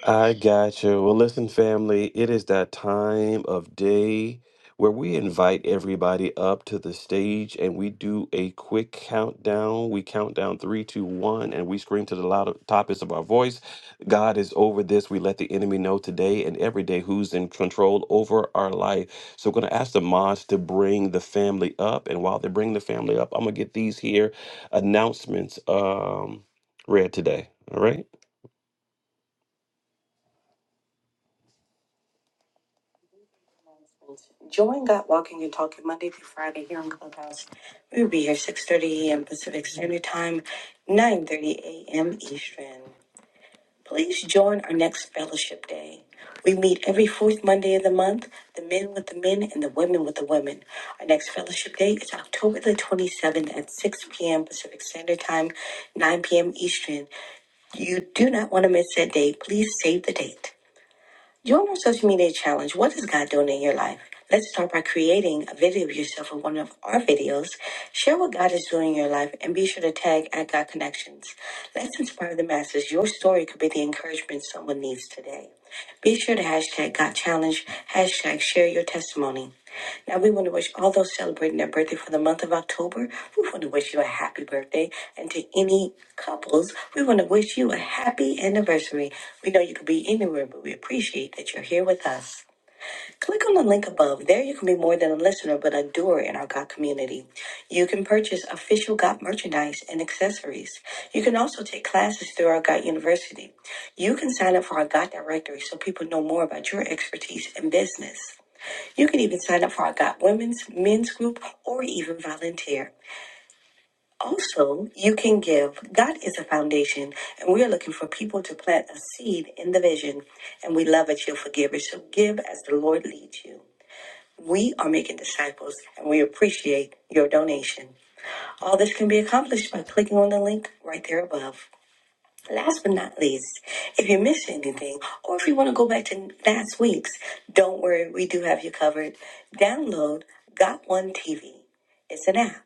[SPEAKER 2] I got you. Well, listen, family, it is that time of day where we invite everybody up to the stage and we do a quick countdown. We count down three, two, one, and we scream to the loud topics of our voice. God is over this. We let the enemy know today and every day who's in control over our life. So, we're going to ask the mods to bring the family up. And while they bring the family up, I'm going to get these here announcements um, read today. All right. Join God Walking and Talking Monday through Friday here on Clubhouse. We'll be here 6.30 a.m. Pacific Standard Time, 9.30 a.m. Eastern. Please join our next fellowship day. We meet every fourth Monday of the month, the men with the men and the women with the women. Our next fellowship day is October the 27th at 6 p.m. Pacific Standard Time, 9 p.m. Eastern. You do not want to miss that day. Please save the date. Join our social media challenge. What is God doing in your life? Let's start by creating a video of yourself with one of our videos. Share what God is doing in your life and be sure to tag at God Connections. Let's inspire the masses. Your story could be the encouragement someone needs today. Be sure to hashtag God Challenge, hashtag share your testimony. Now, we want to wish all those celebrating their birthday for the month of October, we want to wish you a happy birthday. And to any couples, we want to wish you a happy anniversary. We know you could be anywhere, but we appreciate that you're here with us. Click on the link above. There, you can be more than a listener, but a doer in our God community. You can purchase official God merchandise and accessories. You can also take classes through our God University. You can sign up for our God directory so people know more about your expertise and business. You can even sign up for our God Women's, Men's Group, or even volunteer. Also, you can give. God is a foundation, and we are looking for people to plant a seed in the vision. And we love that you're forgivers, so give as the Lord leads you. We are making disciples, and we appreciate your donation. All this can be accomplished by clicking on the link right there above. Last but not least, if you missed anything or if you want to go back to last week's, don't worry, we do have you covered. Download Got One TV. It's an app.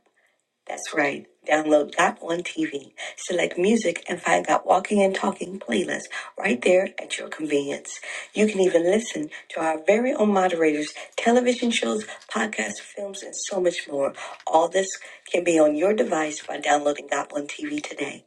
[SPEAKER 2] That's right. Download Got One TV. Select music and find Got Walking and Talking playlist right there at your convenience. You can even listen to our very own moderators, television shows, podcasts, films, and so much more. All this can be on your device by downloading Got One TV today.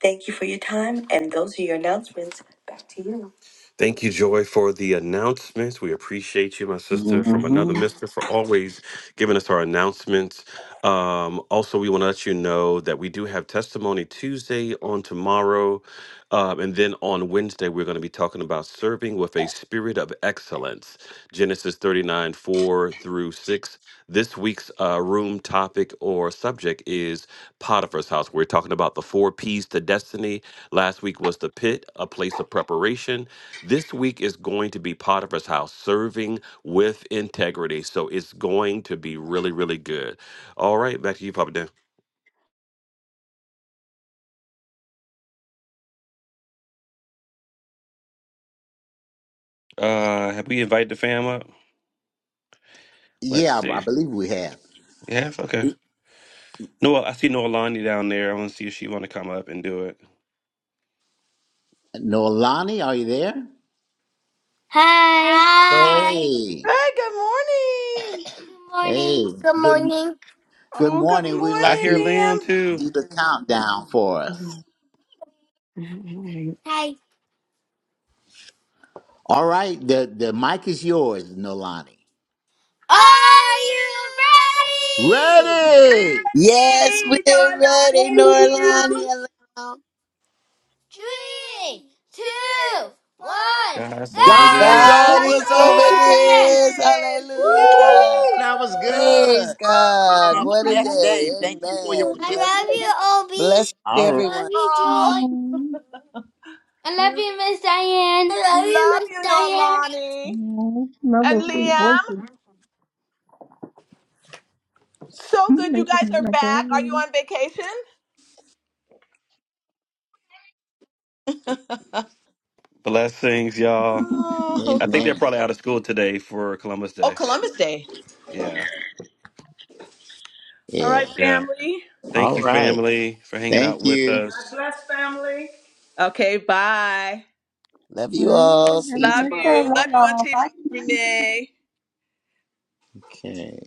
[SPEAKER 2] Thank you for your time, and those are your announcements. Back to you. Thank you, Joy, for the announcements. We appreciate you, my sister, from
[SPEAKER 1] hmm
[SPEAKER 2] another mister, for always giving us our announcements. Um, also, we want to let you know that we do have testimony Tuesday on tomorrow. Um, and then on Wednesday, we're going to be talking about serving with a spirit of excellence Genesis 39 4 through 6. This week's uh, room topic or subject is. Potiphar's house. We're talking about the four P's to destiny. Last week was the pit, a place of preparation. This week is going to be Potiphar's house, serving with integrity. So it's going to be really, really good. All right, back to you, Papa Dan. Uh, have we invited the fam up? Let's
[SPEAKER 1] Yeah, I
[SPEAKER 2] see.
[SPEAKER 1] believe we have.
[SPEAKER 2] Yes, okay. Noah, I see Noah Lonnie down there. I want to see if she want to come up and do it.
[SPEAKER 1] Nolani, are you there?
[SPEAKER 12] Hi. Hi.
[SPEAKER 1] Hey.
[SPEAKER 7] Hey, good morning.
[SPEAKER 12] Good
[SPEAKER 1] Hey,
[SPEAKER 12] morning. Good
[SPEAKER 1] good
[SPEAKER 12] morning.
[SPEAKER 1] good
[SPEAKER 7] Oh, good
[SPEAKER 1] morning. We'd
[SPEAKER 2] I
[SPEAKER 1] like
[SPEAKER 7] morning,
[SPEAKER 2] hear
[SPEAKER 1] you to
[SPEAKER 7] Liam.
[SPEAKER 2] Liam too.
[SPEAKER 1] do the countdown for us.
[SPEAKER 12] Hi.
[SPEAKER 1] All right, the, the mic is yours, Nolani.
[SPEAKER 12] Are you ready?
[SPEAKER 1] Ready?
[SPEAKER 13] Yes, we're
[SPEAKER 7] Hey,
[SPEAKER 13] ready,
[SPEAKER 7] Donnie and Liam.
[SPEAKER 13] Norlani. Alam.
[SPEAKER 12] Three, two, one.
[SPEAKER 2] Guys, over
[SPEAKER 12] God
[SPEAKER 1] God's
[SPEAKER 2] this.
[SPEAKER 13] God
[SPEAKER 12] over
[SPEAKER 7] God's
[SPEAKER 1] over
[SPEAKER 13] is
[SPEAKER 1] there.
[SPEAKER 13] over
[SPEAKER 7] over
[SPEAKER 12] this.
[SPEAKER 13] this.
[SPEAKER 7] this.
[SPEAKER 12] Woo!
[SPEAKER 13] Hallelujah.
[SPEAKER 1] Woo,
[SPEAKER 7] Yay.
[SPEAKER 1] that was good.
[SPEAKER 13] Praise
[SPEAKER 7] Woo.
[SPEAKER 1] Everyone
[SPEAKER 13] God.
[SPEAKER 1] have a
[SPEAKER 13] What a
[SPEAKER 1] blessed day.
[SPEAKER 13] day.
[SPEAKER 1] Thank you for your
[SPEAKER 13] Amen.
[SPEAKER 12] I
[SPEAKER 13] Bless,
[SPEAKER 12] love you,
[SPEAKER 1] participation.
[SPEAKER 12] Obi.
[SPEAKER 13] bless
[SPEAKER 1] All
[SPEAKER 12] I
[SPEAKER 1] right.
[SPEAKER 12] love
[SPEAKER 13] everyone.
[SPEAKER 12] you,
[SPEAKER 7] Oh,
[SPEAKER 12] Joy. I love
[SPEAKER 7] l-
[SPEAKER 12] you, Miss Diane. I love you,
[SPEAKER 7] love
[SPEAKER 12] Miss
[SPEAKER 7] you,
[SPEAKER 12] Diane.
[SPEAKER 7] Nolani. And Liam, so good you guys are back. Are you on vacation?
[SPEAKER 2] Blessings, y'all.
[SPEAKER 7] Oh,
[SPEAKER 2] I think they're
[SPEAKER 1] Amen.
[SPEAKER 2] probably out of school today for Columbus
[SPEAKER 7] oh
[SPEAKER 2] Day.
[SPEAKER 7] Columbus Day.
[SPEAKER 2] Yeah.
[SPEAKER 7] All
[SPEAKER 1] Yeah.
[SPEAKER 7] right,
[SPEAKER 2] Yeah.
[SPEAKER 7] family.
[SPEAKER 2] Thank
[SPEAKER 1] All
[SPEAKER 2] you,
[SPEAKER 1] right.
[SPEAKER 2] family, for hanging out
[SPEAKER 1] Thank
[SPEAKER 2] with
[SPEAKER 1] you. God
[SPEAKER 2] us.
[SPEAKER 1] bless family.
[SPEAKER 7] Okay, bye.
[SPEAKER 13] Love you all. See you
[SPEAKER 7] Love you.
[SPEAKER 13] tomorrow.
[SPEAKER 7] Love you, Auntie Renee.
[SPEAKER 1] Okay.